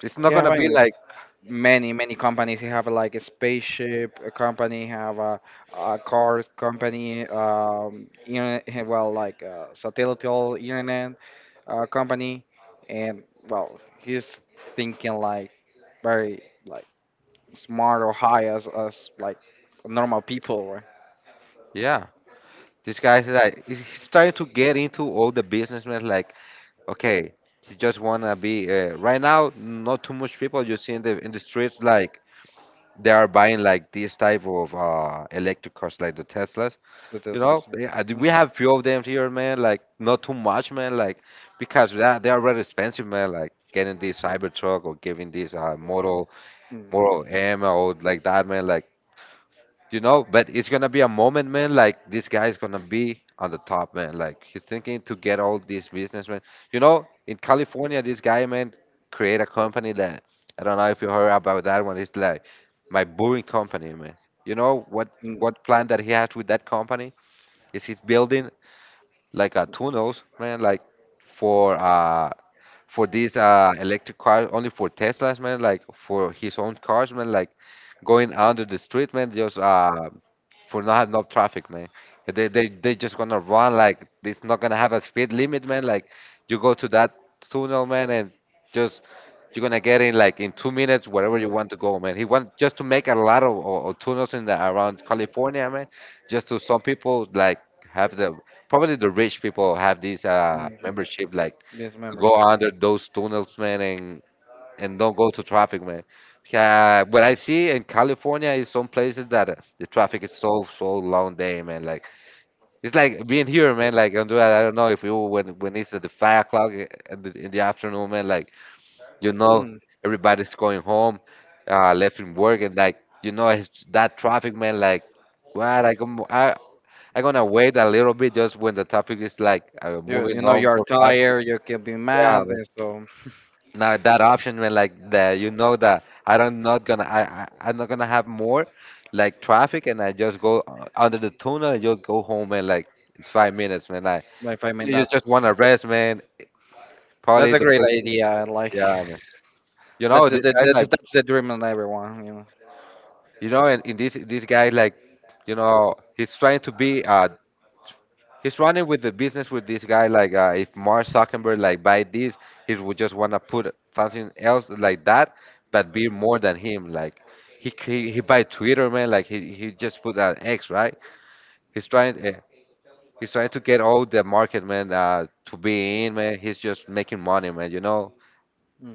Speaker 2: it's not
Speaker 1: He have
Speaker 2: gonna be
Speaker 1: an
Speaker 2: like,
Speaker 1: many companies, you have, like, a spaceship, a company, have a car company, internet, well, like, satellite internet company, and, well, he's thinking, like, very, like, smart or high as us, like, normal people, right?
Speaker 2: yeah, this guy's like he's starting to get into all the businessmen. Like, okay, he just wanna be right now. Not too much people you see in the streets like they are buying like this type of electric cars, like the Teslas.
Speaker 1: The
Speaker 2: You
Speaker 1: teslas.
Speaker 2: know, yeah, we
Speaker 1: Mhm.
Speaker 2: have few of them here, man. Like not too much, man. Like because they are very expensive, man. Like getting this Cybertruck or giving this model M or like that, man. Like you know, but it's gonna be a moment, man. Like this guy is gonna be on the top, man. Like he's thinking to get all these, man. You know, in California, this guy, man, create a company that I don't know if you heard about that one. It's like my brewing company, man. You know
Speaker 1: Mhm. Mm.
Speaker 2: what plan that he has with that company? Is he's building like tunnels, man, like for uh for these electric cars, only for Teslas, man, like for his own cars, man, like going under the street, man, just for not have enough traffic, man. They just gonna run like it's not gonna have a speed limit, man. Like you go to that tunnel, man, and just you're gonna get in like in 2 minutes wherever you want
Speaker 1: Mhm.
Speaker 2: to go, man. He wants just to make a lot of tunnels in the around California, man. Just to some people like have the probably the rich people have this
Speaker 1: Mhm.
Speaker 2: membership like
Speaker 1: Yes,
Speaker 2: to go
Speaker 1: membership.
Speaker 2: under those tunnels, man, and don't go to traffic, man. What I see in California is some places that the traffic is so so long day, man. Like it's like being here, man. Like Andrea, I don't know if you when it's at the 5 o'clock in the afternoon, man. Like you know,
Speaker 1: Mm.
Speaker 2: everybody's going home, left from work, and like you know, it's that traffic, man. Like what I come I. I'm gonna wait a little bit just when the traffic is like
Speaker 1: You
Speaker 2: moving
Speaker 1: you know
Speaker 2: on
Speaker 1: you're
Speaker 2: more fast.
Speaker 1: tired. You can be
Speaker 2: Yeah,
Speaker 1: mad, and so,
Speaker 2: now that option when like that, you know that I don't not gonna I'm not gonna have more like traffic and I just go under the tunnel and you'll go home in like in 5 minutes, man, like
Speaker 1: if I mean
Speaker 2: you
Speaker 1: that,
Speaker 2: just wanna rest, man,
Speaker 1: that's
Speaker 2: probably
Speaker 1: a
Speaker 2: the
Speaker 1: great
Speaker 2: first thing,
Speaker 1: idea. Like,
Speaker 2: yeah, man. You
Speaker 1: that's
Speaker 2: know,
Speaker 1: the,
Speaker 2: this
Speaker 1: the,
Speaker 2: guy's
Speaker 1: the
Speaker 2: like
Speaker 1: that's the dream on everyone. You know.
Speaker 2: you know, and in this guy, like you know, he's trying to be he's running with the business with this guy like if Mark Zuckerberg like buy this, he would just want to put something else like that but be more than him, like he buy Twitter, man, like he just put an X, right? He's trying he's trying to get all the market, man, to be in, man, he's just making money, man, you know,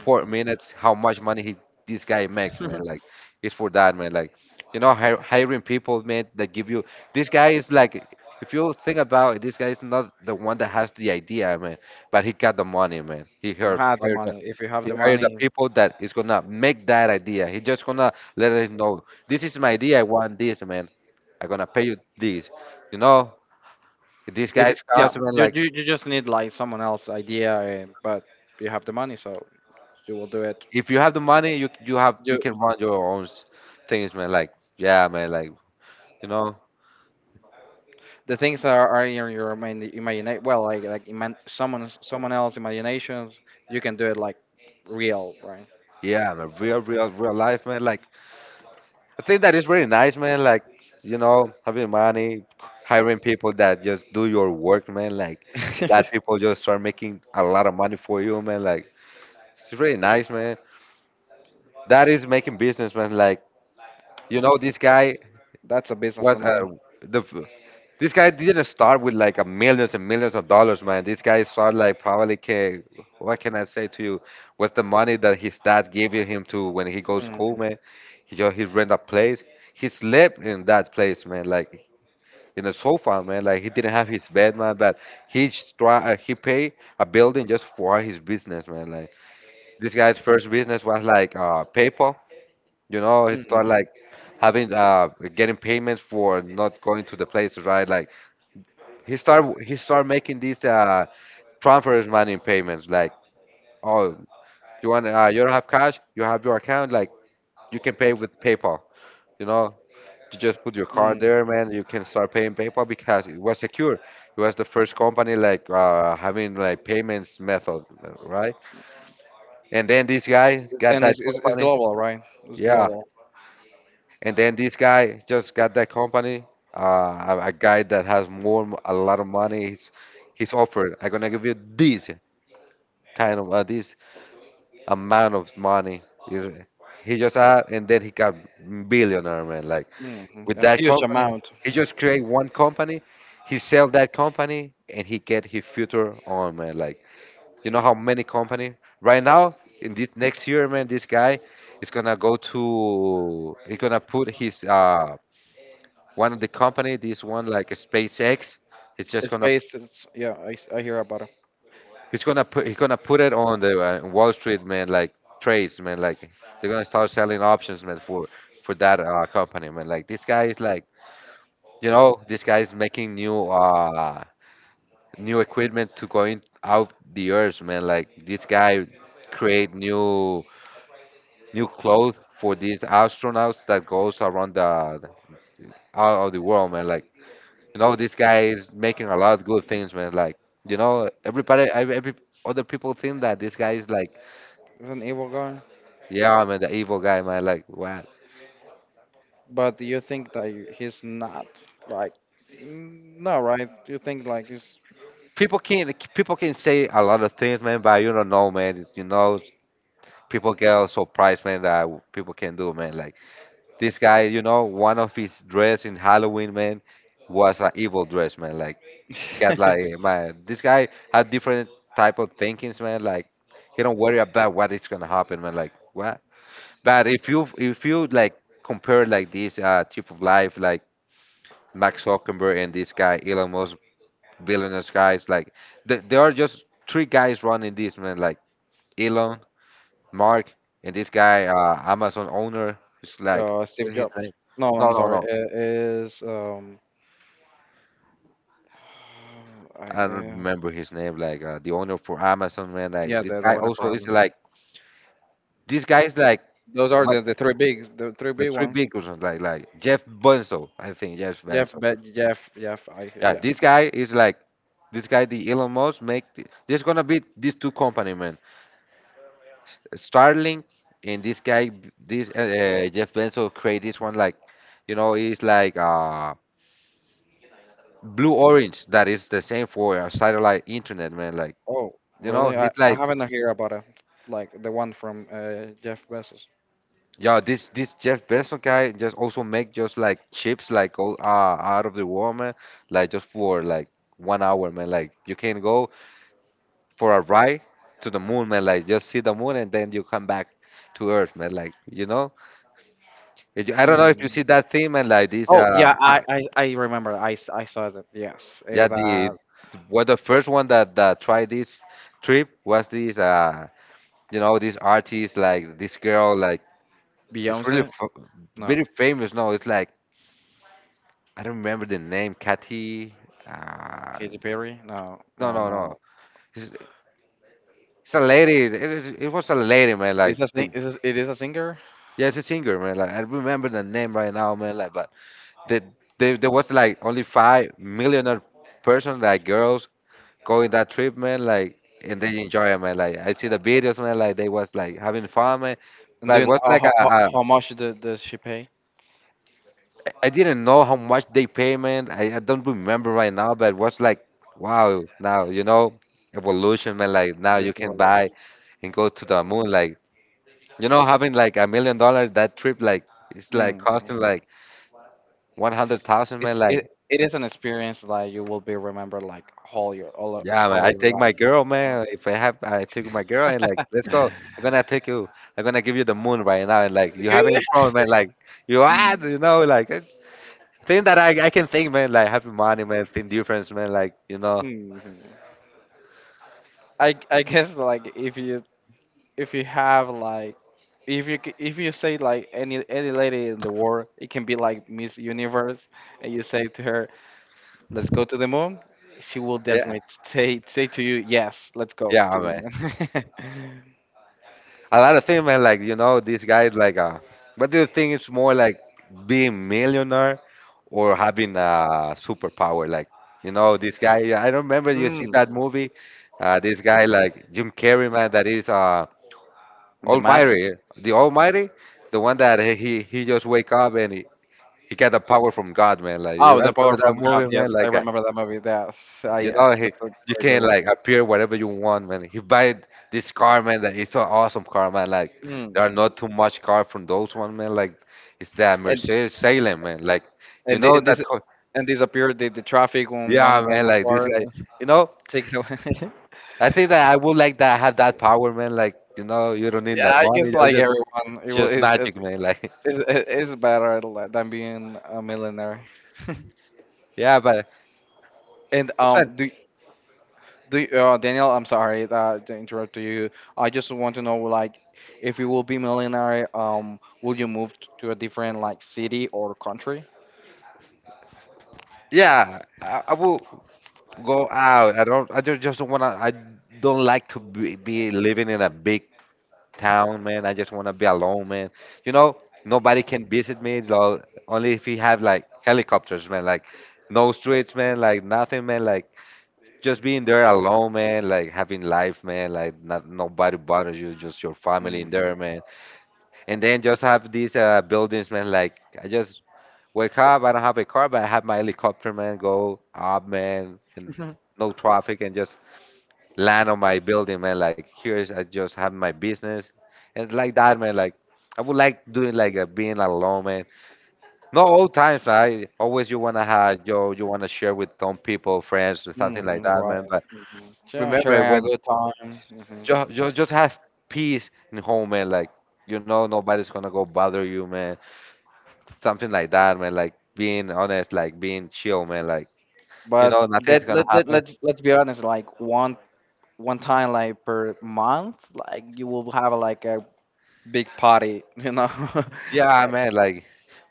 Speaker 2: four minutes how much money he this guy makes, man. Like it's for that, man. Like you know, hiring people, man, that give you this guy is like if you think about it, this guy is not the one that has the idea, man, but he got the money, man. He
Speaker 1: Have the
Speaker 2: hired the,
Speaker 1: money. If you have
Speaker 2: he
Speaker 1: the
Speaker 2: hired the
Speaker 1: money,
Speaker 2: people that is gonna make that idea. He just gonna let us know this is my idea. I want this, man. I'm gonna pay you this. You know, these
Speaker 1: if
Speaker 2: guys
Speaker 1: yeah,
Speaker 2: comes, man.
Speaker 1: you
Speaker 2: Like
Speaker 1: you, you just need, like, someone else idea, but you have the money, so you will do it.
Speaker 2: if you have the money, you have you can
Speaker 1: You
Speaker 2: run your own things, man. Like yeah, man. Like you know
Speaker 1: The things are in your imagination. Well, like someone else imaginations. You can do it, like, real, right?
Speaker 2: yeah, man, real real life, man. Like I think that is really nice, man. Like you know, having money, hiring people that just do your work, man. Like that people just start making a lot of money for you, man. Like it's really nice, man. That is making business, man. Like this guy
Speaker 1: That's a business,
Speaker 2: was
Speaker 1: man.
Speaker 2: the f- this guy didn't start with like a millions and millions of dollars, man. This guy started like probably can, what can I say to you? What's the money that his dad gave him to when he goes
Speaker 1: Hmm.
Speaker 2: school, man? He just he rent a place. He slept in that place, man, like in a sofa, man. Like he didn't have his bed, man, but he just try he paid a building just for his business, man. Like this guy's first business was like PayPal. You know, he started
Speaker 1: Hmm.
Speaker 2: like having getting payments for not going to the places, right? Like he started making these transfers money in payments. Like, oh, you want you don't have cash, you have your account. Like you can pay with PayPal. You know, you just put your card
Speaker 1: Hmm.
Speaker 2: there, man. You can start paying PayPal because it was secure. It was the first company like having like payments method, right? And then this guy got
Speaker 1: And
Speaker 2: that
Speaker 1: it's
Speaker 2: company.
Speaker 1: global, right? It's
Speaker 2: Yeah,
Speaker 1: global.
Speaker 2: and then this guy just got that company, a guy that has more, a lot of money. He's offered, I'm gonna give you this kind of, this amount of money. You- he just had, and then he got billionaire, man. Like
Speaker 1: Hmm.
Speaker 2: with
Speaker 1: A
Speaker 2: that
Speaker 1: huge
Speaker 2: company,
Speaker 1: amount.
Speaker 2: he just create one company, he sell that company, and he get his future on, man. Like you know how many company right now in this next year, man, this guy is gonna go to, he's gonna put his one of the company, this one like SpaceX, it's just gonna,
Speaker 1: Space, it's, yeah, I hear about him.
Speaker 2: he's gonna put it on the Wall Street, man. Like trades, man. Like they're gonna start selling options, man, for that company, man. Like this guy is like this guy is making new new equipment to going out the earth, man. Like this guy create new clothes for these astronauts that goes around the out of the world, man. Like you know, this guy is making a lot of good things, man. Like, everybody, every other people think that this guy is like,
Speaker 1: He's an evil guy,
Speaker 2: yeah, man, the evil guy, man. Like, what?
Speaker 1: but you think that he's not, like, mm, no, right? You think like he's
Speaker 2: People can say a lot of things, man, but you don't know, man. People get surprised, man, that people can do, man. Like this guy, one of his dress in Halloween, man, was an evil dress, man. Like he got
Speaker 1: uh,
Speaker 2: like man, this guy had different type of thinkings, man. Like he don't worry about what is gonna happen, man. Like what? But if you like compare like this type of life like Max Zuckerberg and this guy Elon Musk, billionaires guys like there are just three guys running this, man. Like Elon, Mark, and this guy Amazon owner. It's like
Speaker 1: Steve
Speaker 2: what his
Speaker 1: Jobs?
Speaker 2: name?
Speaker 1: No,
Speaker 2: No
Speaker 1: I'm
Speaker 2: no
Speaker 1: sorry.
Speaker 2: no
Speaker 1: It is I
Speaker 2: I don't remember his name like the owner for Amazon, man. Like
Speaker 1: yeah,
Speaker 2: this
Speaker 1: the
Speaker 2: guy
Speaker 1: one for
Speaker 2: also is
Speaker 1: Amazon.
Speaker 2: like this guy is like
Speaker 1: Those are
Speaker 2: what,
Speaker 1: the three big
Speaker 2: the three
Speaker 1: ones.
Speaker 2: big ones like Jeff Bezos. I think Jeff
Speaker 1: Jeff,
Speaker 2: Bezos.
Speaker 1: Be- Jeff, Jeff.
Speaker 2: Yeah,
Speaker 1: Yeah.
Speaker 2: this guy is like, this guy, the Elon Musk, make there's gonna be these two company, man. Starlink and this guy, this Jeff Bezos create this one like, you know, it's like blue orange that is the same for satellite internet, man. Like,
Speaker 1: Oh, really?
Speaker 2: he's
Speaker 1: I
Speaker 2: like,
Speaker 1: haven't heard about it. Like the one from Jeff Bezos.
Speaker 2: yo, this Jeff Bezos guy just also make just like chips like all out of the world, man. Like just for like 1 hour, man. Like you can go for a ride to the moon, man. Like just see the moon and then you come back to Earth, man. Like if you- I don't know if you see
Speaker 1: Hmm.
Speaker 2: that theme and like this.
Speaker 1: Oh yeah, I I, I remember. I saw that. Yes,
Speaker 2: Yeah,
Speaker 1: and
Speaker 2: the what, the first one that tried this trip was this. You know, this artist like this girl like it's really
Speaker 1: Beyonce.
Speaker 2: very
Speaker 1: No,
Speaker 2: famous. No, it's like I don't remember the name. Kathy. Uh,
Speaker 1: Katy Perry. No,
Speaker 2: no,
Speaker 1: no,
Speaker 2: no, no.
Speaker 1: no.
Speaker 2: It's, it's a lady. It, it was a lady, man. Like,
Speaker 1: Is a sing-
Speaker 2: they-
Speaker 1: is a, it is a singer?
Speaker 2: yeah, it's a singer, man. Like, I remember the name right now, man. Like, but the, there was like only five millionaire person like girls going that trip, man. Like and they enjoy it, man. Like I see the videos, man. Like they was like having fun, man.
Speaker 1: And do
Speaker 2: But it
Speaker 1: you
Speaker 2: was
Speaker 1: know
Speaker 2: like
Speaker 1: how, how,
Speaker 2: a,
Speaker 1: how much does she pay?
Speaker 2: I didn't know how much they pay, man. I don't remember right now, but it was like, wow. Now you know, evolution, man. Like now
Speaker 1: The
Speaker 2: you can buy
Speaker 1: evaluation.
Speaker 2: and go to the moon like having like $1 million that trip like it's like
Speaker 1: Mm.
Speaker 2: costing like 100,000, man. Like
Speaker 1: It is an experience that you will be remembered, like, all
Speaker 2: yeah, man,
Speaker 1: whole
Speaker 2: I
Speaker 1: your
Speaker 2: take my
Speaker 1: life.
Speaker 2: girl,
Speaker 1: Uh,
Speaker 2: man. If I have, I took my girl and like, let's go. I'm gonna take you. I'm gonna give you the moon right now. And like, you have it in front, man. Like, you had, like, it's thing that I can think, man. Like, having money, man. Thing difference, man. Like,
Speaker 1: Mm-hmm. I guess like if you have like if you if you say like any lady in the world, it can be like Miss Universe, and you say to her, "Let's go to the moon," she will
Speaker 2: yeah,
Speaker 1: definitely say to you, "Yes, let's go to
Speaker 2: yeah,
Speaker 1: the
Speaker 2: man.
Speaker 1: moon."
Speaker 2: A lot of things, man. Like, these guys, like, what do you think it's more like being millionaire or having a superpower? Like, this guy. I remember you see
Speaker 1: mm,
Speaker 2: that movie. This guy, like Jim Carrey, man. That is.
Speaker 1: the mask.
Speaker 2: Almighty, Almighty, the one that he just wake up and he got the power from God, man. Like you
Speaker 1: Oh,
Speaker 2: I
Speaker 1: the power
Speaker 2: remember that
Speaker 1: from God,
Speaker 2: movie, man.
Speaker 1: yes, I
Speaker 2: Like
Speaker 1: remember that movie. Yes, I
Speaker 2: he
Speaker 1: that's a
Speaker 2: you
Speaker 1: very good
Speaker 2: can
Speaker 1: one.
Speaker 2: like appear wherever you want, man. He buy this car, man. That it's an awesome car, man. Like
Speaker 1: Mm.
Speaker 2: there are not too much car from those one, man. Like it's that
Speaker 1: and
Speaker 2: Mercedes Salem, man. Like you
Speaker 1: and, the,
Speaker 2: know
Speaker 1: and
Speaker 2: that,
Speaker 1: this
Speaker 2: car-
Speaker 1: and disappear the traffic on
Speaker 2: yeah, man.
Speaker 1: one
Speaker 2: Like this
Speaker 1: part.
Speaker 2: guy, you know.
Speaker 1: Take it away.
Speaker 2: I think that I would like that have that power, man. Like you don't need
Speaker 1: Yeah,
Speaker 2: that
Speaker 1: I
Speaker 2: money.
Speaker 1: guess
Speaker 2: You
Speaker 1: like
Speaker 2: just need
Speaker 1: everyone,
Speaker 2: just magic, man. Like
Speaker 1: It's better than being a millionaire.
Speaker 2: yeah, but.
Speaker 1: And
Speaker 2: It's
Speaker 1: um, do Daniel, I'm sorry to interrupt you. I just want to know like, if you will be millionaire, will you move to a different like city or country?
Speaker 2: yeah, I will go out. I don't. I just don't wanna. I don't like to be living in a big town, man. I just wanna be alone, man. You know, nobody can visit me. Though, only if you have like helicopters, man. Like no streets, man. Like nothing, man. Like just being there alone, man. Like having life, man. Like not nobody bothers you. Just your family
Speaker 1: Hmm.
Speaker 2: in there, man. And then just have these buildings, man. Like I just wake up. I don't have a car, but I have my helicopter, man. Go up, man, and
Speaker 1: Hmm.
Speaker 2: no traffic, and just land on my building, man. Like here's I just have my business, and like that, man. Like I would like doing like a being alone, man. Not all times, right? Always you wanna have yo, you wanna share with some people, friends, or something like that,
Speaker 1: Right.
Speaker 2: man. But
Speaker 1: Hmm. Yeah,
Speaker 2: remember
Speaker 1: sharing a
Speaker 2: when
Speaker 1: good time. Hmm.
Speaker 2: you just have peace in home, man. Like nobody's gonna go bother you, man. Something like that, man. Like being honest, like being chill, man. Like
Speaker 1: But
Speaker 2: nothing's gonna happen.
Speaker 1: let's be honest. Like one one time like per month, like you will have like a big party, you know,
Speaker 2: Yeah,
Speaker 1: like.
Speaker 2: man. Like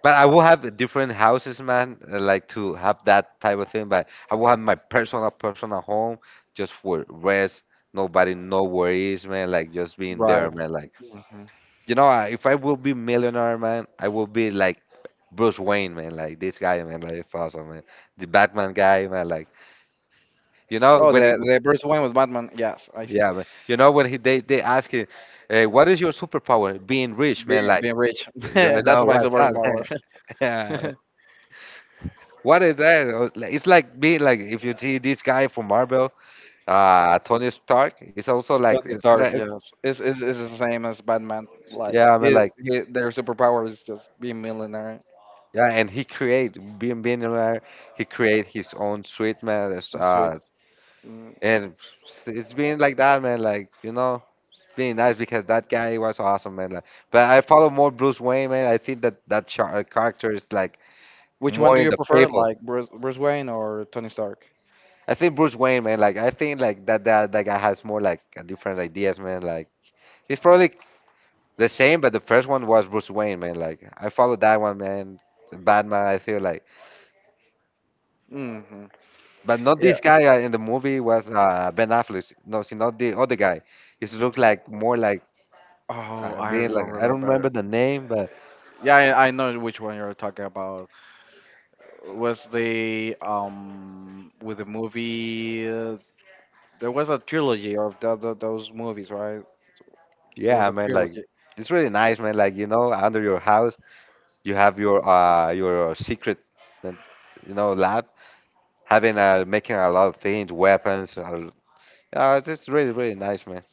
Speaker 2: but I will have different houses, man, like to have that type of thing, but I will have my personal home just for rest. Nobody, no worries, man. Like just being there,
Speaker 1: Right.
Speaker 2: man. Like
Speaker 1: Hmm.
Speaker 2: I- if I will be millionaire, man, I will be like Bruce Wayne, man. Like this guy, man. Like it's awesome, man. The Batman guy, man. Like you know
Speaker 1: Oh,
Speaker 2: when it,
Speaker 1: the
Speaker 2: w-
Speaker 1: Bruce Wayne with Batman. Yes, I see.
Speaker 2: yeah, man. You know when he they ask him, hey, what is your superpower? Being rich, man. Like
Speaker 1: Being rich.
Speaker 2: I
Speaker 1: That's
Speaker 2: know
Speaker 1: my
Speaker 2: what's up,
Speaker 1: superpower.
Speaker 2: man. Yeah, what is that? Like- it's like being like if you see this guy from Marvel, Tony Stark, it's also
Speaker 1: Tony
Speaker 2: like-
Speaker 1: Stark.
Speaker 2: it's
Speaker 1: Yes, it's the same as Batman. Like
Speaker 2: yeah, I mean like
Speaker 1: their superpower is just being millionaire.
Speaker 2: yeah, and he create being there, he create his own sweet, man. It's,
Speaker 1: Oh, sweet. Mm.
Speaker 2: and it's been like that, man. Like it's being nice because that guy was awesome, man. Like, but I follow more Bruce Wayne, man. I think that char character is like
Speaker 1: Which one
Speaker 2: more
Speaker 1: do
Speaker 2: in
Speaker 1: you
Speaker 2: the
Speaker 1: prefer,
Speaker 2: people.
Speaker 1: like Bruce Wayne or Tony Stark?
Speaker 2: I think Bruce Wayne, man. Like I think like that guy has more like different ideas, man. Like. He's probably the same, but the first one was Bruce Wayne, man. Like I followed that one, man. Batman, I feel like,
Speaker 1: Hmm.
Speaker 2: but not
Speaker 1: Yeah.
Speaker 2: this guy in the movie was Ben Affleck. No, see, not the other guy. He looked like more like
Speaker 1: Oh, I
Speaker 2: being
Speaker 1: don't
Speaker 2: like I don't remember
Speaker 1: remember.
Speaker 2: the name, but
Speaker 1: Yeah, I know which one you're talking about. Was the with the movie? There was a trilogy of those movies, right? There was
Speaker 2: yeah,
Speaker 1: a
Speaker 2: man. Like
Speaker 1: trilogy.
Speaker 2: it's really nice, man. Like you know, under your house, you have your secret, and you know, lab having making a lot of things, weapons. It's just really really nice, man.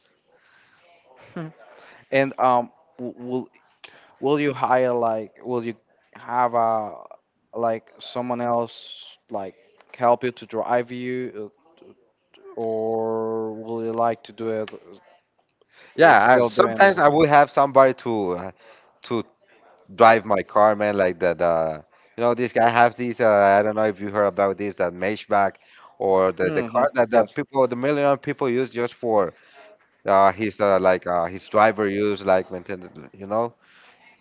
Speaker 1: And um, will will you hire like will you have a like someone else like help you to drive you, or will you like to do it
Speaker 2: Yeah,
Speaker 1: still doing
Speaker 2: sometimes
Speaker 1: it?
Speaker 2: I would have somebody to drive my car, man. Like the you know this guy has these. I don't know if you heard about this, that Maybach or the car
Speaker 1: Hmm.
Speaker 2: that the
Speaker 1: Yes,
Speaker 2: people, the million people use just for his like his driver use like maintain, you know.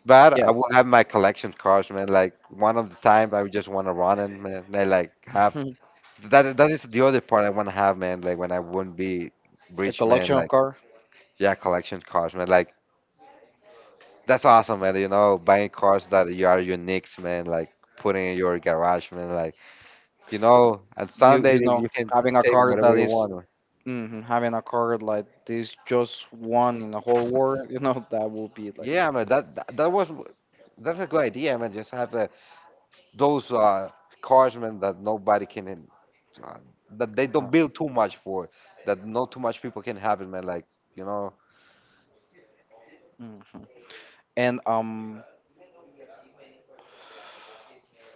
Speaker 2: But I
Speaker 1: yes.
Speaker 2: will have my collection cars, man. Like one of the time I would just want to run and man, I like have that. That is the other part I want to have, man. Like when I wouldn't be
Speaker 1: A
Speaker 2: rich, man.
Speaker 1: collection of
Speaker 2: Like
Speaker 1: car.
Speaker 2: yeah, collection cars, man. Like that's awesome, man. You know, buying cars that you are unique, man. Like putting in your garage, man. Like you know, on
Speaker 1: You
Speaker 2: Sunday
Speaker 1: you know
Speaker 2: you can
Speaker 1: having a
Speaker 2: take
Speaker 1: car
Speaker 2: whatever
Speaker 1: that
Speaker 2: you
Speaker 1: is
Speaker 2: want, man.
Speaker 1: mhm, having a car like this, just one in the whole world. You know that will be like.
Speaker 2: Yeah, man. That was that's a good idea, man. Just have the, those cars, man, that nobody can in- uh, that they don't build too much for, that not too much people can have it, man. Like you know,
Speaker 1: Mm. And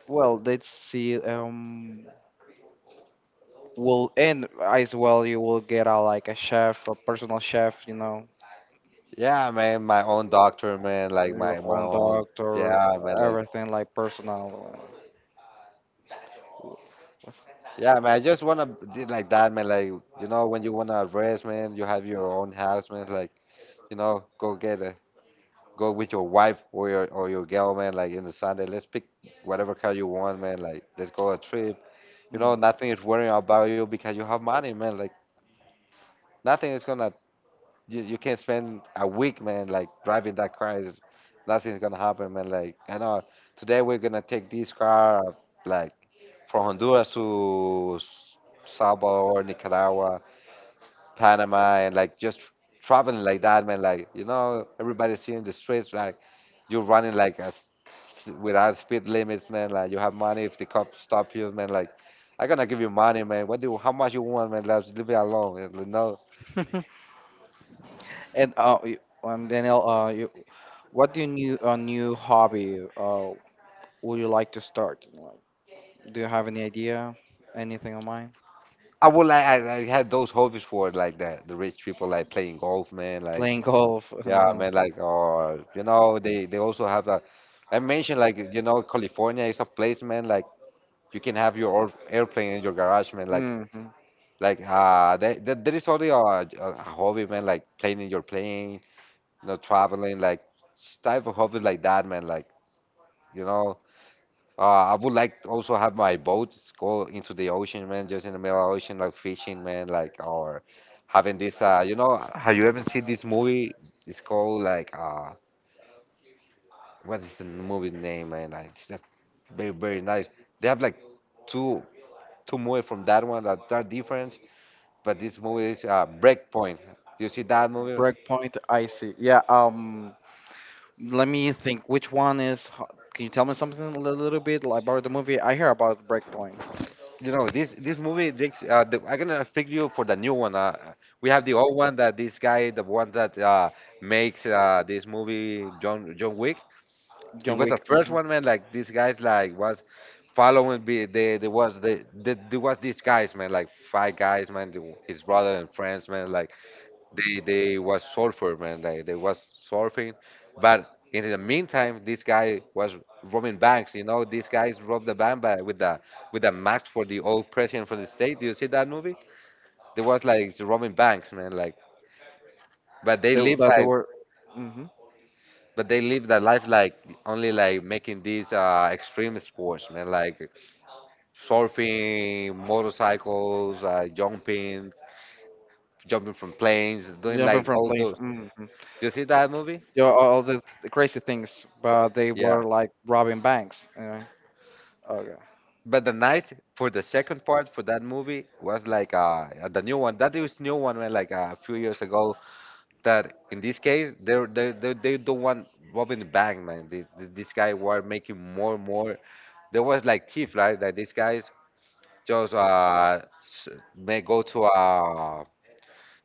Speaker 1: Well, let's see. Will and as well, you will get a like a chef, a personal chef, you know,
Speaker 2: yeah, man. My own doctor, man. Like
Speaker 1: your
Speaker 2: my
Speaker 1: own
Speaker 2: own,
Speaker 1: doctor,
Speaker 2: yeah, man. Like
Speaker 1: everything like personal.
Speaker 2: yeah, man, I just wanna be like that, man. Like, you know, when you wanna rest, man, you have your own house, man. Like, you know, go get a go with your wife or your girl, man. Like in the Sunday, let's pick whatever car you want, man. Like, let's go a trip. You
Speaker 1: Mm.
Speaker 2: know, nothing is worrying about you because you have money, man. Like, nothing is gonna you can spend a week, man. Like driving that car is nothing's gonna happen, man. Like, I know today we're gonna take this car, like from Honduras to S- Salvador, Nicaragua Panama and like just traveling like that, man. Like you know, everybody's here in the streets. Like you're running like as without speed limits, man. Like you have money. If the cops stop you, man, like I'm gonna give you money, man. What do how much you want, man? Let's leave it alone. And, you know,
Speaker 1: And uh, y- Daniel, what do you new a new hobby would you like to start? Like, do you have any idea? Anything on mind?
Speaker 2: I would like I had those hobbies for like the rich people like playing golf, man. Like
Speaker 1: Playing golf.
Speaker 2: yeah, man. Like or you know, they also have a. I mentioned like you know California is a place, man. Like you can have your or- airplane in your garage, man. Like
Speaker 1: Hmm.
Speaker 2: Like there, there is only a hobby, man. Like playing in your plane, you know, traveling, like s- type of hobby like that, man. Like you know, I would like to also have my boats go into the ocean, man. Just in the middle of the ocean, like fishing, man. Like or having this, you know, have you ever seen this movie? It's called like what is the movie name, man? Like, it's a very very nice. They have like two two movies from that one that are different, but this movie is Breakpoint. Do you see that movie?
Speaker 1: Breakpoint. I see. Yeah. Let me think. Which one is? Can you tell me something a little bit about the movie? I hear about Breakpoint.
Speaker 2: You know this movie. I'm gonna pick you for the new one. We have the old one that this guy, the one that makes this movie, John Wick. It
Speaker 1: John
Speaker 2: was the
Speaker 1: Wick.
Speaker 2: first
Speaker 1: Hmm.
Speaker 2: one, man. Like these guys, like was following. Be they there was the there was these guys, man. Like five guys, man. The- His brother and friends, man. Like they was surfer man, like they was surfing, but in the meantime, this guy was robbing banks. You know, these guys robbed the bank by, with the mask for the old president for the state. Do you see that movie? They was like robbing banks, man. Like, but they live
Speaker 1: That they
Speaker 2: like,
Speaker 1: were mhm,
Speaker 2: but they live their life like only like making these extreme sports, man. Like surfing, motorcycles, jumping, jumping from planes, doing
Speaker 1: jumping
Speaker 2: like
Speaker 1: from
Speaker 2: all
Speaker 1: place.
Speaker 2: those.
Speaker 1: Hmm.
Speaker 2: Do you see that movie?
Speaker 1: Yeah, all the crazy things, but they
Speaker 2: Yeah.
Speaker 1: were like robbing banks. Yeah. Okay.
Speaker 2: But the night for the second part for that movie was like the new one. That is new one man like a few years ago. That in this case they don't want robbing the bank, man. This guy were making more and more. There was like thief, right? Like these guys just s- may go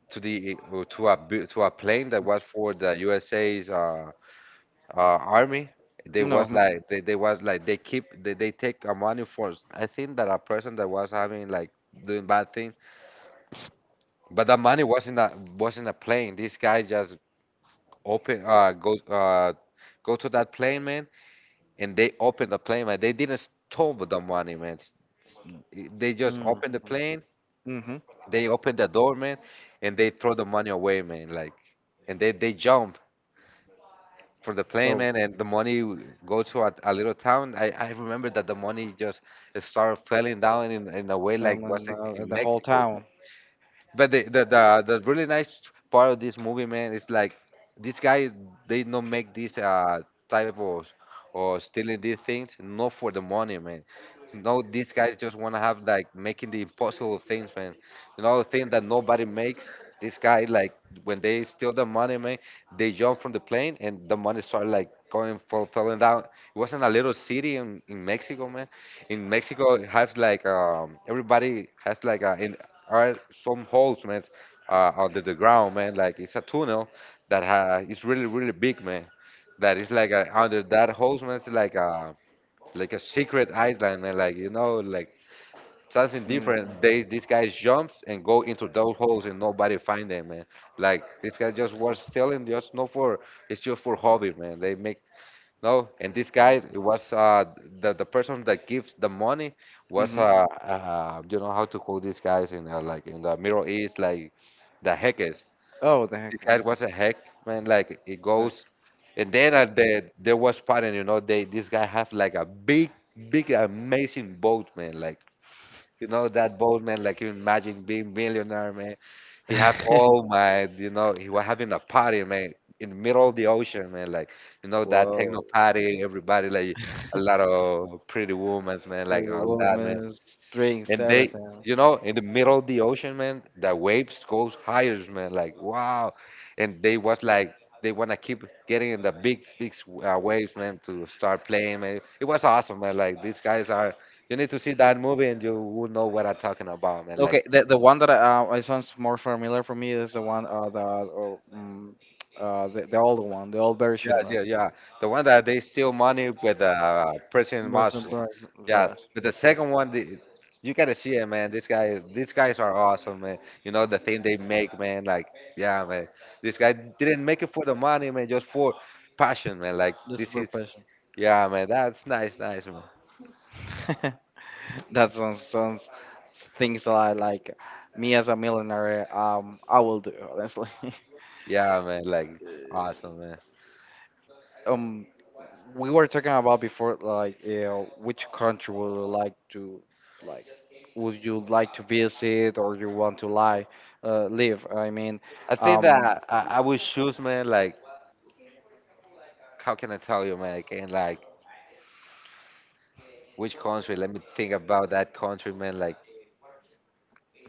Speaker 2: to the to a bu- to a plane that was for the USA's army.
Speaker 1: No. Mm-hmm.
Speaker 2: They was like they keep they take a money for. S- I think that a person that was having like doing bad thing, but the money wasn't a plane. This guy just open go go to that plane man, and they opened the plane man. They didn't stole the money man. They just
Speaker 1: Mm-hmm.
Speaker 2: opened the plane.
Speaker 1: Mm-hmm.
Speaker 2: They opened the door man, and they throw the money away man. Like, and they jump for the plane,
Speaker 1: Oh,
Speaker 2: man, and the money w- go to a little town. I remember that the money just started falling down in a
Speaker 1: I
Speaker 2: way like
Speaker 1: fell
Speaker 2: was
Speaker 1: in
Speaker 2: in
Speaker 1: the whole
Speaker 2: Mexico,
Speaker 1: town.
Speaker 2: but the, the really nice part of this movie, man, is like this guy they don't make this type of or stealing these things not for the money, man. No, these guys just wanna have like making the impossible things, man. You know, the thing that nobody makes. This guy like when they steal the money, man, they jump from the plane and the money start like going fall, falling down. It wasn't a little city in Mexico, man. In Mexico, it has like everybody has like a in are some holes, man, under the ground, man. Like it's a tunnel that ha is really, really big, man. That is like a, under that holes, man. It's like a secret island, man. Like you know, like something
Speaker 1: Mm.
Speaker 2: different. They these guys jumps and go into those holes and nobody find them, man. Like this guy just was stealing, just not for it's just for hobby, man. They make no, and this guy, it was the person that gives the money was
Speaker 1: Mm-hmm.
Speaker 2: you know how to call these guys in like in the Middle East like the hackers.
Speaker 1: Oh, the heck.
Speaker 2: This guy was a hack man, like it goes, and then at the there was pattern, you know, they this guy have like a big, big, amazing boat, man, like you know that bold man, like you imagine being millionaire, man. He have
Speaker 1: Heck.
Speaker 2: all my, you know, he was having a party, man, in the middle of the ocean, man. Like, you know, that techno
Speaker 1: Whoa.
Speaker 2: party, everybody like a lot of pretty women, man, like
Speaker 1: Pretty
Speaker 2: all that, man
Speaker 1: woman, drinks,
Speaker 2: and they
Speaker 1: everything.
Speaker 2: you know in the middle of the ocean man the waves goes higher man like wow and they was like they want to keep getting in the big waves man to start playing man it was awesome man like these guys are you need to see that movie and you will know what I'm talking about man
Speaker 1: Okay,
Speaker 2: like
Speaker 1: the one that it sounds more familiar for me is the one the old one, the old version,
Speaker 2: yeah,
Speaker 1: right?
Speaker 2: yeah, yeah. The one that they steal money with prison
Speaker 1: That's a
Speaker 2: muscle.
Speaker 1: version,
Speaker 2: Yeah,
Speaker 1: yes,
Speaker 2: but the second one, the, you gotta see it, man. This guy, is- these guys are awesome, man. You know the thing they make, man. Like, yeah, man. This guy didn't make it for the money, man. Just for passion, man. Like,
Speaker 1: just a
Speaker 2: this is,
Speaker 1: version.
Speaker 2: yeah, man. That's nice, nice, man.
Speaker 1: That sounds things that I like, me as a millionaire I will do honestly.
Speaker 2: Yeah, man. Like, awesome, man.
Speaker 1: Um, we were talking about before like, you know, which country would you like to like would you like to visit or you want to lie live? I mean,
Speaker 2: I think
Speaker 1: um.
Speaker 2: that I would choose, man. Like, how can I tell you, man? Again, like, which country? Let me think about that country, man. Like.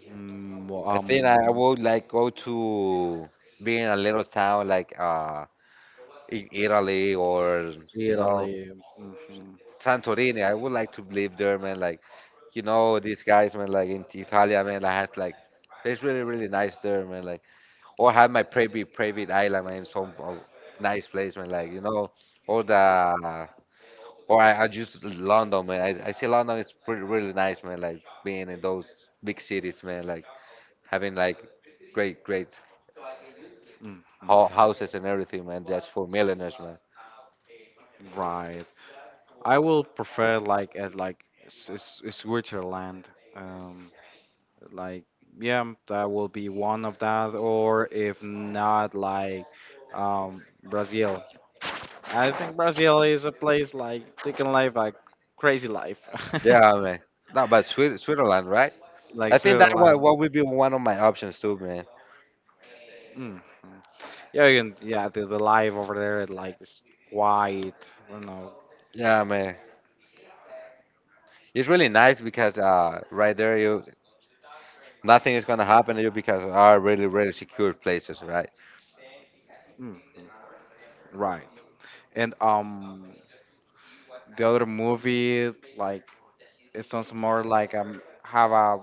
Speaker 1: Mm, well,
Speaker 2: I think I
Speaker 1: um,
Speaker 2: would like go to being a little town like in Italy or you know
Speaker 1: Italy. Hmm.
Speaker 2: Santorini. I would like to live there, man. Like you know these guys, man. Like in Italia, man. Like has like it's really really nice there, man. Like or have my private island, man. Some nice place, man. Like you know all the or I just London, man. I see London is pretty really nice, man. Like being in those big cities, man. Like having like great
Speaker 1: Hmm.
Speaker 2: ho- houses and everything, man. That's for millionaires, man.
Speaker 1: Right. I will prefer like at like Switzerland. Um, like yeah, that will be one of that, or if not, like Brazil. I think Brazil is a place like they can live a crazy life,
Speaker 2: Yeah, man. No, but Swi- Switzerland, right? I
Speaker 1: like
Speaker 2: think that what
Speaker 1: Switzerland.
Speaker 2: what would be one of my options too, man.
Speaker 1: Hmm. Yeah, you can, yeah, the life over there, like it's quiet, you know.
Speaker 2: Yeah, man. It's really nice because right there, you nothing is gonna happen to you because are really really secure places, right?
Speaker 1: Mm-hmm. Right. And The other movie, like it sounds more like have a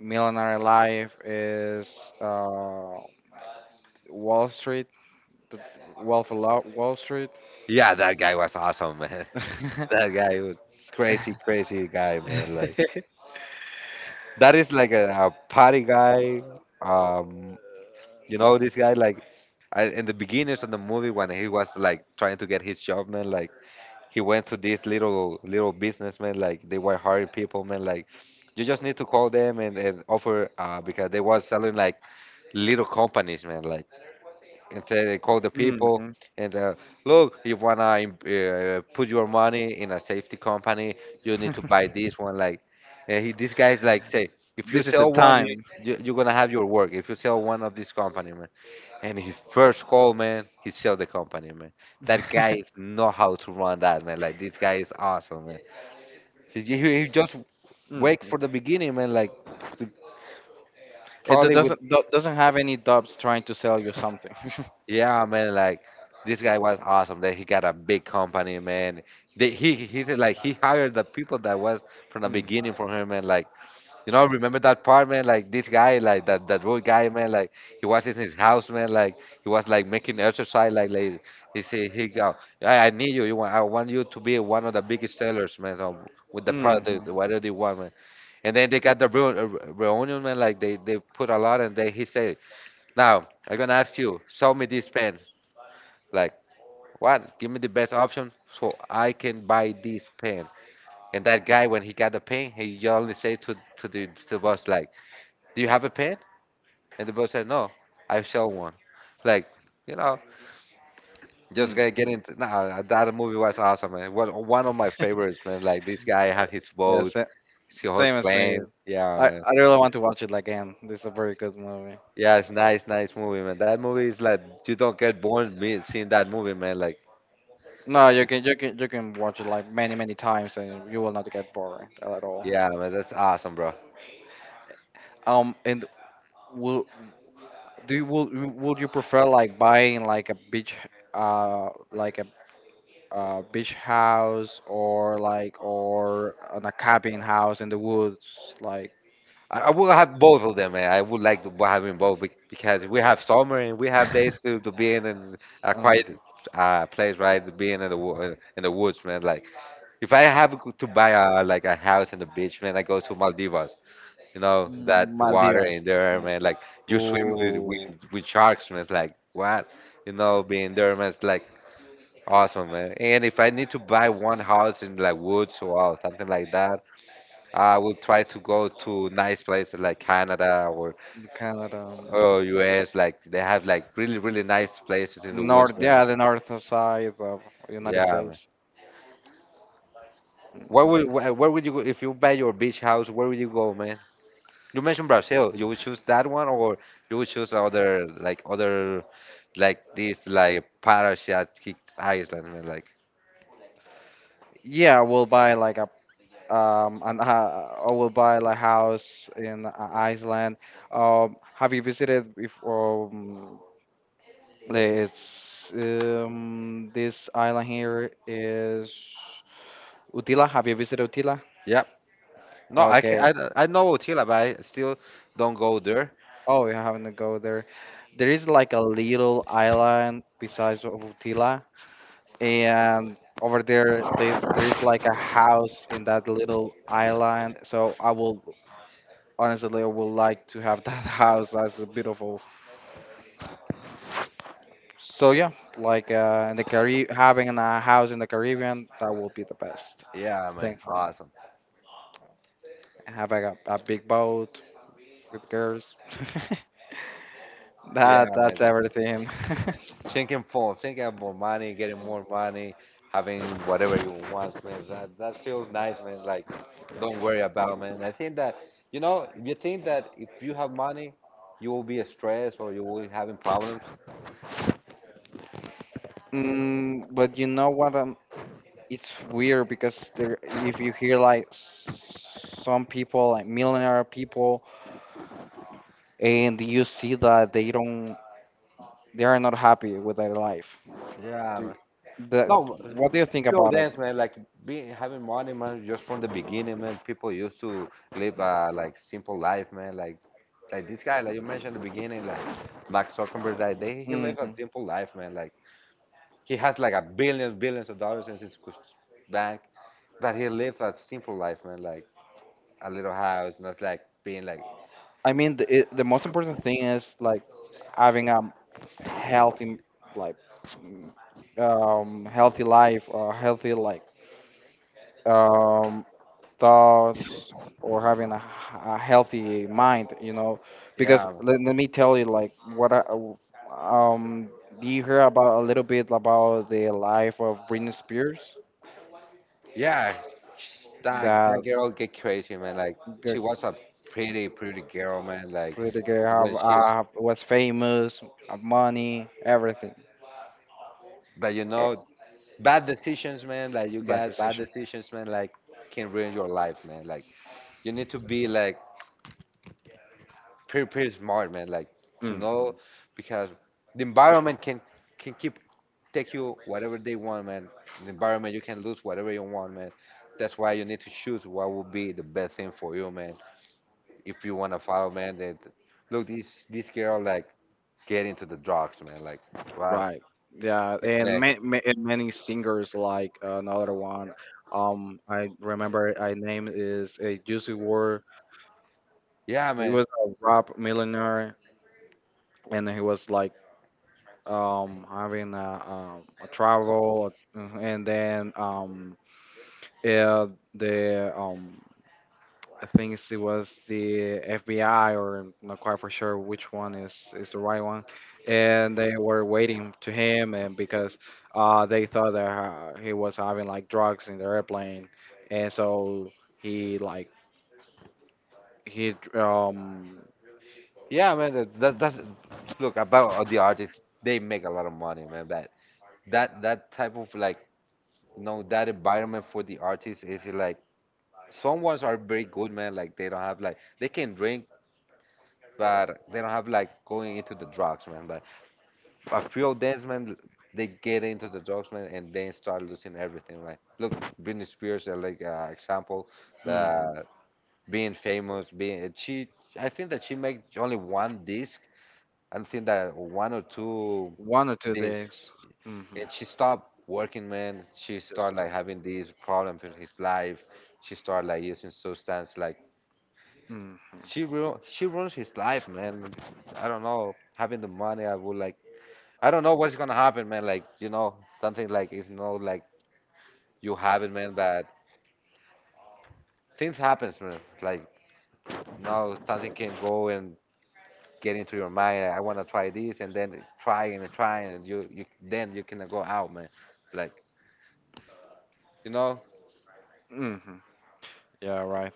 Speaker 1: millionaire life is Wall Street, the Wolf of Wall Street.
Speaker 2: Yeah, that guy was awesome, man. That guy was crazy, crazy guy, man. Like that is like a party guy. Um, you know this guy like I, in the beginnings of the movie when he was like trying to get his job, man. Like he went to this little businessman, like they were hiring people, man. Like you just need to call them and, offer, because they were selling like little companies, man. Like and say they call the people
Speaker 1: Mhm.
Speaker 2: and look, you wanna put your money in a safety company, you need to buy this one. Like and he these guys like say if you
Speaker 1: This is the
Speaker 2: sell one
Speaker 1: time.
Speaker 2: you, you're gonna have your work if you sell one of this company, man. And his first call, man, he sell the company, man. That guy is know how to run that, man. Like this guy is awesome, man. He just wake
Speaker 1: Mhm.
Speaker 2: for the beginning, man. Like with-
Speaker 1: It
Speaker 2: probably with
Speaker 1: doesn't doesn't have any dubs trying to sell you something.
Speaker 2: yeah, man. Like this guy was awesome. That he got a big company, man. They, he did, like he hired the people that was from the
Speaker 1: Mhm.
Speaker 2: beginning from him, man. Like you know, remember that part, man? Like this guy, like that that road guy, man. Like he was in his house, man. Like he was like making exercise. Like he said, he go, I need you. I want you to be one of the biggest sellers, man. So with the product,
Speaker 1: Mhm.
Speaker 2: whatever they want, man. And then they got the reunion, man. Like they put a lot, and then he said, now I'm gonna ask you, show me this pen. Like what? Give me the best option so I can buy this pen. And that guy, when he got the pen, he only said to the boss, like, do you have a pen? And the boy said, no, I sell one. Like, you know, just get
Speaker 1: Mhm.
Speaker 2: into. Nah, that movie was awesome, man. One of my favorites, man. Like, this guy have his boat,
Speaker 1: Yes.
Speaker 2: he
Speaker 1: Same
Speaker 2: holds
Speaker 1: as me.
Speaker 2: planes. Yeah, man.
Speaker 1: I really want to watch it again. This is a very good movie.
Speaker 2: Yeah, it's nice, nice movie, man. That movie is like, you don't get bored me seeing that movie, man. Like,
Speaker 1: No, you can you can watch it like many many times and you will not get bored at all.
Speaker 2: yeah, man, that's awesome, bro.
Speaker 1: And will do you will would you prefer like buying like a beach house or like or on a cabin house in the woods like
Speaker 2: I would have both of them, man. I would like to have them both because we have summer and we have days to, be in a quiet
Speaker 1: um,
Speaker 2: place, right? To be in the in the woods, man. Like if I have to buy a like a house in the beach, man, I go to Maldivas. You know that water
Speaker 1: Maldivas.
Speaker 2: in there, man. Like you swim
Speaker 1: Ooh,
Speaker 2: with sharks, man. It's like what? You know, being there, man. It's like awesome, man. And if I need to buy one house in like woods or something like that, I would try to go to nice places like Canada
Speaker 1: Canada.
Speaker 2: or US. Like they have like really really nice places in the woods,
Speaker 1: North, yeah,
Speaker 2: man.
Speaker 1: the north side of United
Speaker 2: Yeah, man.
Speaker 1: States.
Speaker 2: Where would you go if you buy your beach house? Where would you go, man? You mentioned Brazil. You would choose that one, or you would choose other like this like parasitic island, man. Like,
Speaker 1: Yeah, we'll buy like a an I will buy like house in Iceland. Have you visited before? It's this island here is Utila. Have you visited Utila?
Speaker 2: yeah. No, I can.
Speaker 1: Okay.
Speaker 2: I know Chile, but I still don't go there.
Speaker 1: Oh, you haven't go there. There is like a little island besides of Utila, and over there there's like a house in that little island, so I will honestly, I would like to have that house as a beautiful. So yeah, like in the Carib, having a house in the Caribbean, that will be the best
Speaker 2: Yeah, man.
Speaker 1: thing for me.
Speaker 2: Awesome.
Speaker 1: Have like a big boat with girls.
Speaker 2: Yeah,
Speaker 1: That
Speaker 2: man.
Speaker 1: that's everything.
Speaker 2: Thinking about money, getting more money, having whatever you want, man. That that feels nice, man. Like, don't worry about, man. I think that you know, you think that if you have money, you will be stressed or you will be having problems.
Speaker 1: But you know what? It's weird because there, if you hear like some people, like millionaire people, and you see that they don't, they are not happy with their life.
Speaker 2: Yeah,
Speaker 1: Do, the,
Speaker 2: no,
Speaker 1: what do you think
Speaker 2: few
Speaker 1: about it?
Speaker 2: dance, man, like being having money, man, just from the beginning, man. People used to live a like simple life, man. Like this guy, like you mentioned at the beginning, like Mark Zuckerberg, like they, he lives a
Speaker 1: Hmm.
Speaker 2: simple life, man. Like he has like a billions, billions of dollars in his bank, but he lives a simple life, man. Like a little house, not like being like,
Speaker 1: I mean the most important thing is like having a healthy like healthy life or healthy like um thoughts, or having a healthy mind, you know? Because,
Speaker 2: yeah,
Speaker 1: let let me tell you like what I um do you hear about a little bit about the life of Britney Spears?
Speaker 2: yeah. That
Speaker 1: That
Speaker 2: that girl get crazy, man. Like
Speaker 1: good,
Speaker 2: she was a pretty, pretty girl, man. Like
Speaker 1: pretty good. Have
Speaker 2: when she's,
Speaker 1: was famous, have money, everything.
Speaker 2: but you
Speaker 1: Eh,
Speaker 2: know. Bad decisions, man. Like you
Speaker 1: Bad
Speaker 2: got bad
Speaker 1: decision.
Speaker 2: decisions, man. Like can ruin your life, man. Like you need to be like pretty pretty smart, man. Like to know
Speaker 1: Hmm.
Speaker 2: because the environment can keep take you whatever they want, man. The environment you can lose whatever you want, man. That's why you need to choose what will be the best thing for you, man. If you wanna follow, man. That look this this girl like get into the drugs, man. Like what?
Speaker 1: Right. Yeah,
Speaker 2: And,
Speaker 1: and
Speaker 2: like,
Speaker 1: and many singers like another one. I remember I name is a Juicy Ward.
Speaker 2: yeah,
Speaker 1: He
Speaker 2: man.
Speaker 1: was a rap millionaire, and he was like having a travel, and then yeah, the I think it's- it was the FBI, or not quite for sure which one is the right one. And they were waiting to him, and because they thought that he was having like drugs in the airplane, and so he like he
Speaker 2: Yeah, man. That's look about the artists. They make a lot of money, man. That that type of like you know that environment for the artists is like some ones are very good, man. Like they don't have like they can drink, but they don't have like going into the drugs, man. But a few of them, man, they get into the drugs, man, and then start losing everything. Like look, Britney Spears, like example,
Speaker 1: mhm,
Speaker 2: the being famous, being she. I think that she made only one disc. I think that one or two
Speaker 1: one or two
Speaker 2: this
Speaker 1: days. Hmm.
Speaker 2: and she stopped working, man. She
Speaker 1: Just
Speaker 2: started like having these problems in his life. She started like using substance like
Speaker 1: hmm,
Speaker 2: she ruins his life, man. I don't know having the money, I would like. I don't know what's gonna happen, man. Like you know something like it's not like you have it, man, but things happens, man. Like no something can go and get into your mind. I want to try this and then try and try and you then you can go out, man. Like you know.
Speaker 1: hmm. Yeah, right.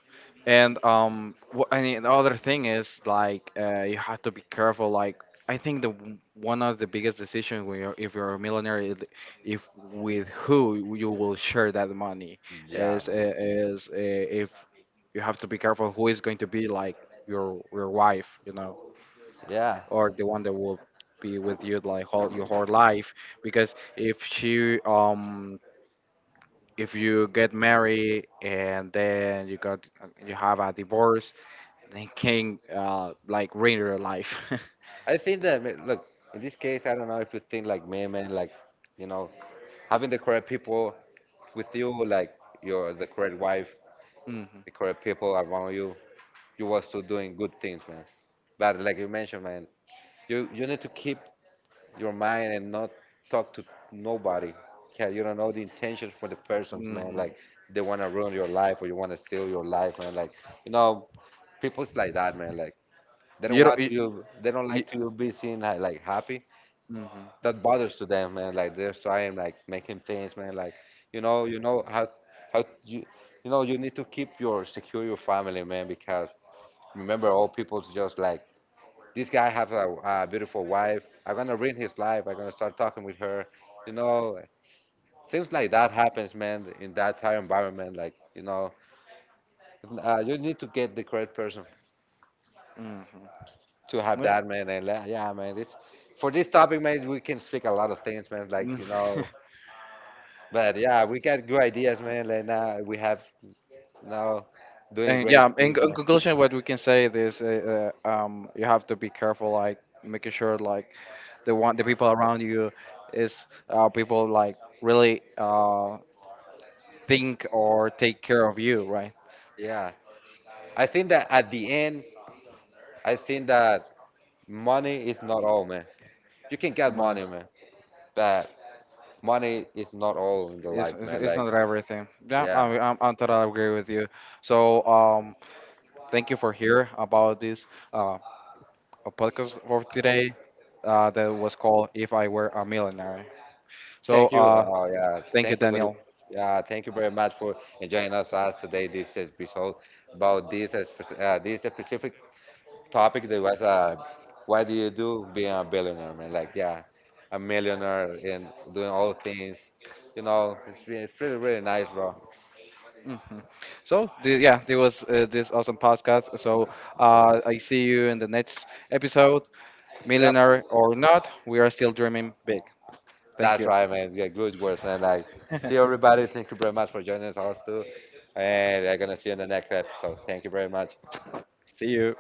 Speaker 1: I mean, the other thing is like you have to be careful. Like I think one of the biggest decisions when you're, if you're a millionaire, is if with who you will share that money
Speaker 2: Yeah,
Speaker 1: is
Speaker 2: man.
Speaker 1: uh, is if you have to be careful who is going to be like your wife, you know,
Speaker 2: Yeah,
Speaker 1: or the one that will be with you like all your whole life. Because if she if you get married and then you have a divorce, then can like ruin your life.
Speaker 2: I think that look, in this case, I don't know if you think like me, man. Like you know, having the correct people with you, like your the correct wife,
Speaker 1: Hmm.
Speaker 2: the correct people around you, you was still doing good things, man. But like you mentioned, man, you need to keep your mind and not talk to nobody. Yeah, you don't know the intentions for the persons, man.
Speaker 1: Hmm.
Speaker 2: Like they wanna ruin your life or you wanna steal your life, man. Like you know, people's like that, man. Like they don't
Speaker 1: You don't.
Speaker 2: want you, they don't
Speaker 1: You,
Speaker 2: like to you be seen like happy.
Speaker 1: hmm.
Speaker 2: That bothers to them, man. Like they're trying, like making things, man. Like you know how you know you need to keep your secure your family, man. Because remember, all people's just like this guy have a beautiful wife. I'm gonna ruin his life. I'm gonna start talking with her. You know, things like that happens, man. In that entire environment, like you know, you need to get the correct person
Speaker 1: Hmm.
Speaker 2: to have that, man. And like, yeah, man, this for this topic, man, we can speak a lot of things, man. Like you know. But yeah, we got good ideas, man. Like now we have now doing
Speaker 1: And
Speaker 2: great
Speaker 1: yeah, in,
Speaker 2: things,
Speaker 1: in
Speaker 2: man.
Speaker 1: conclusion, what we can say is, you have to be careful, like making sure like the people around you is people like really think or take care of you, right?
Speaker 2: Yeah, I think that at the end, I think that money is not all, man. You can get money, man, but money is not all in the life, man.
Speaker 1: It's
Speaker 2: Like,
Speaker 1: not everything. Yeah,
Speaker 2: yeah,
Speaker 1: I, I'm totally agree with you. So, thank you for here about this uh, a podcast for today that was called "If I Were a Millionaire." So,
Speaker 2: thank you. Oh yeah,
Speaker 1: thank you,
Speaker 2: thank you, Luis.
Speaker 1: Daniel.
Speaker 2: Yeah, thank you very much for enjoying us as today this episode about this this specific topic that was why do you do being a billionaire, man? Like, yeah, a millionaire and doing all things. You know, it's really really nice, bro.
Speaker 1: Hmm. So, the, yeah, this was this awesome podcast. So, I see you in the next episode.
Speaker 2: Yep,
Speaker 1: Millionaire or not, we are still dreaming big. Thank
Speaker 2: that's
Speaker 1: you.
Speaker 2: right, man. Yeah, good words, man. Like, see everybody. Thank you very much for joining us, too. And I'm gonna see you in the next episode. Thank you very much.
Speaker 1: See you.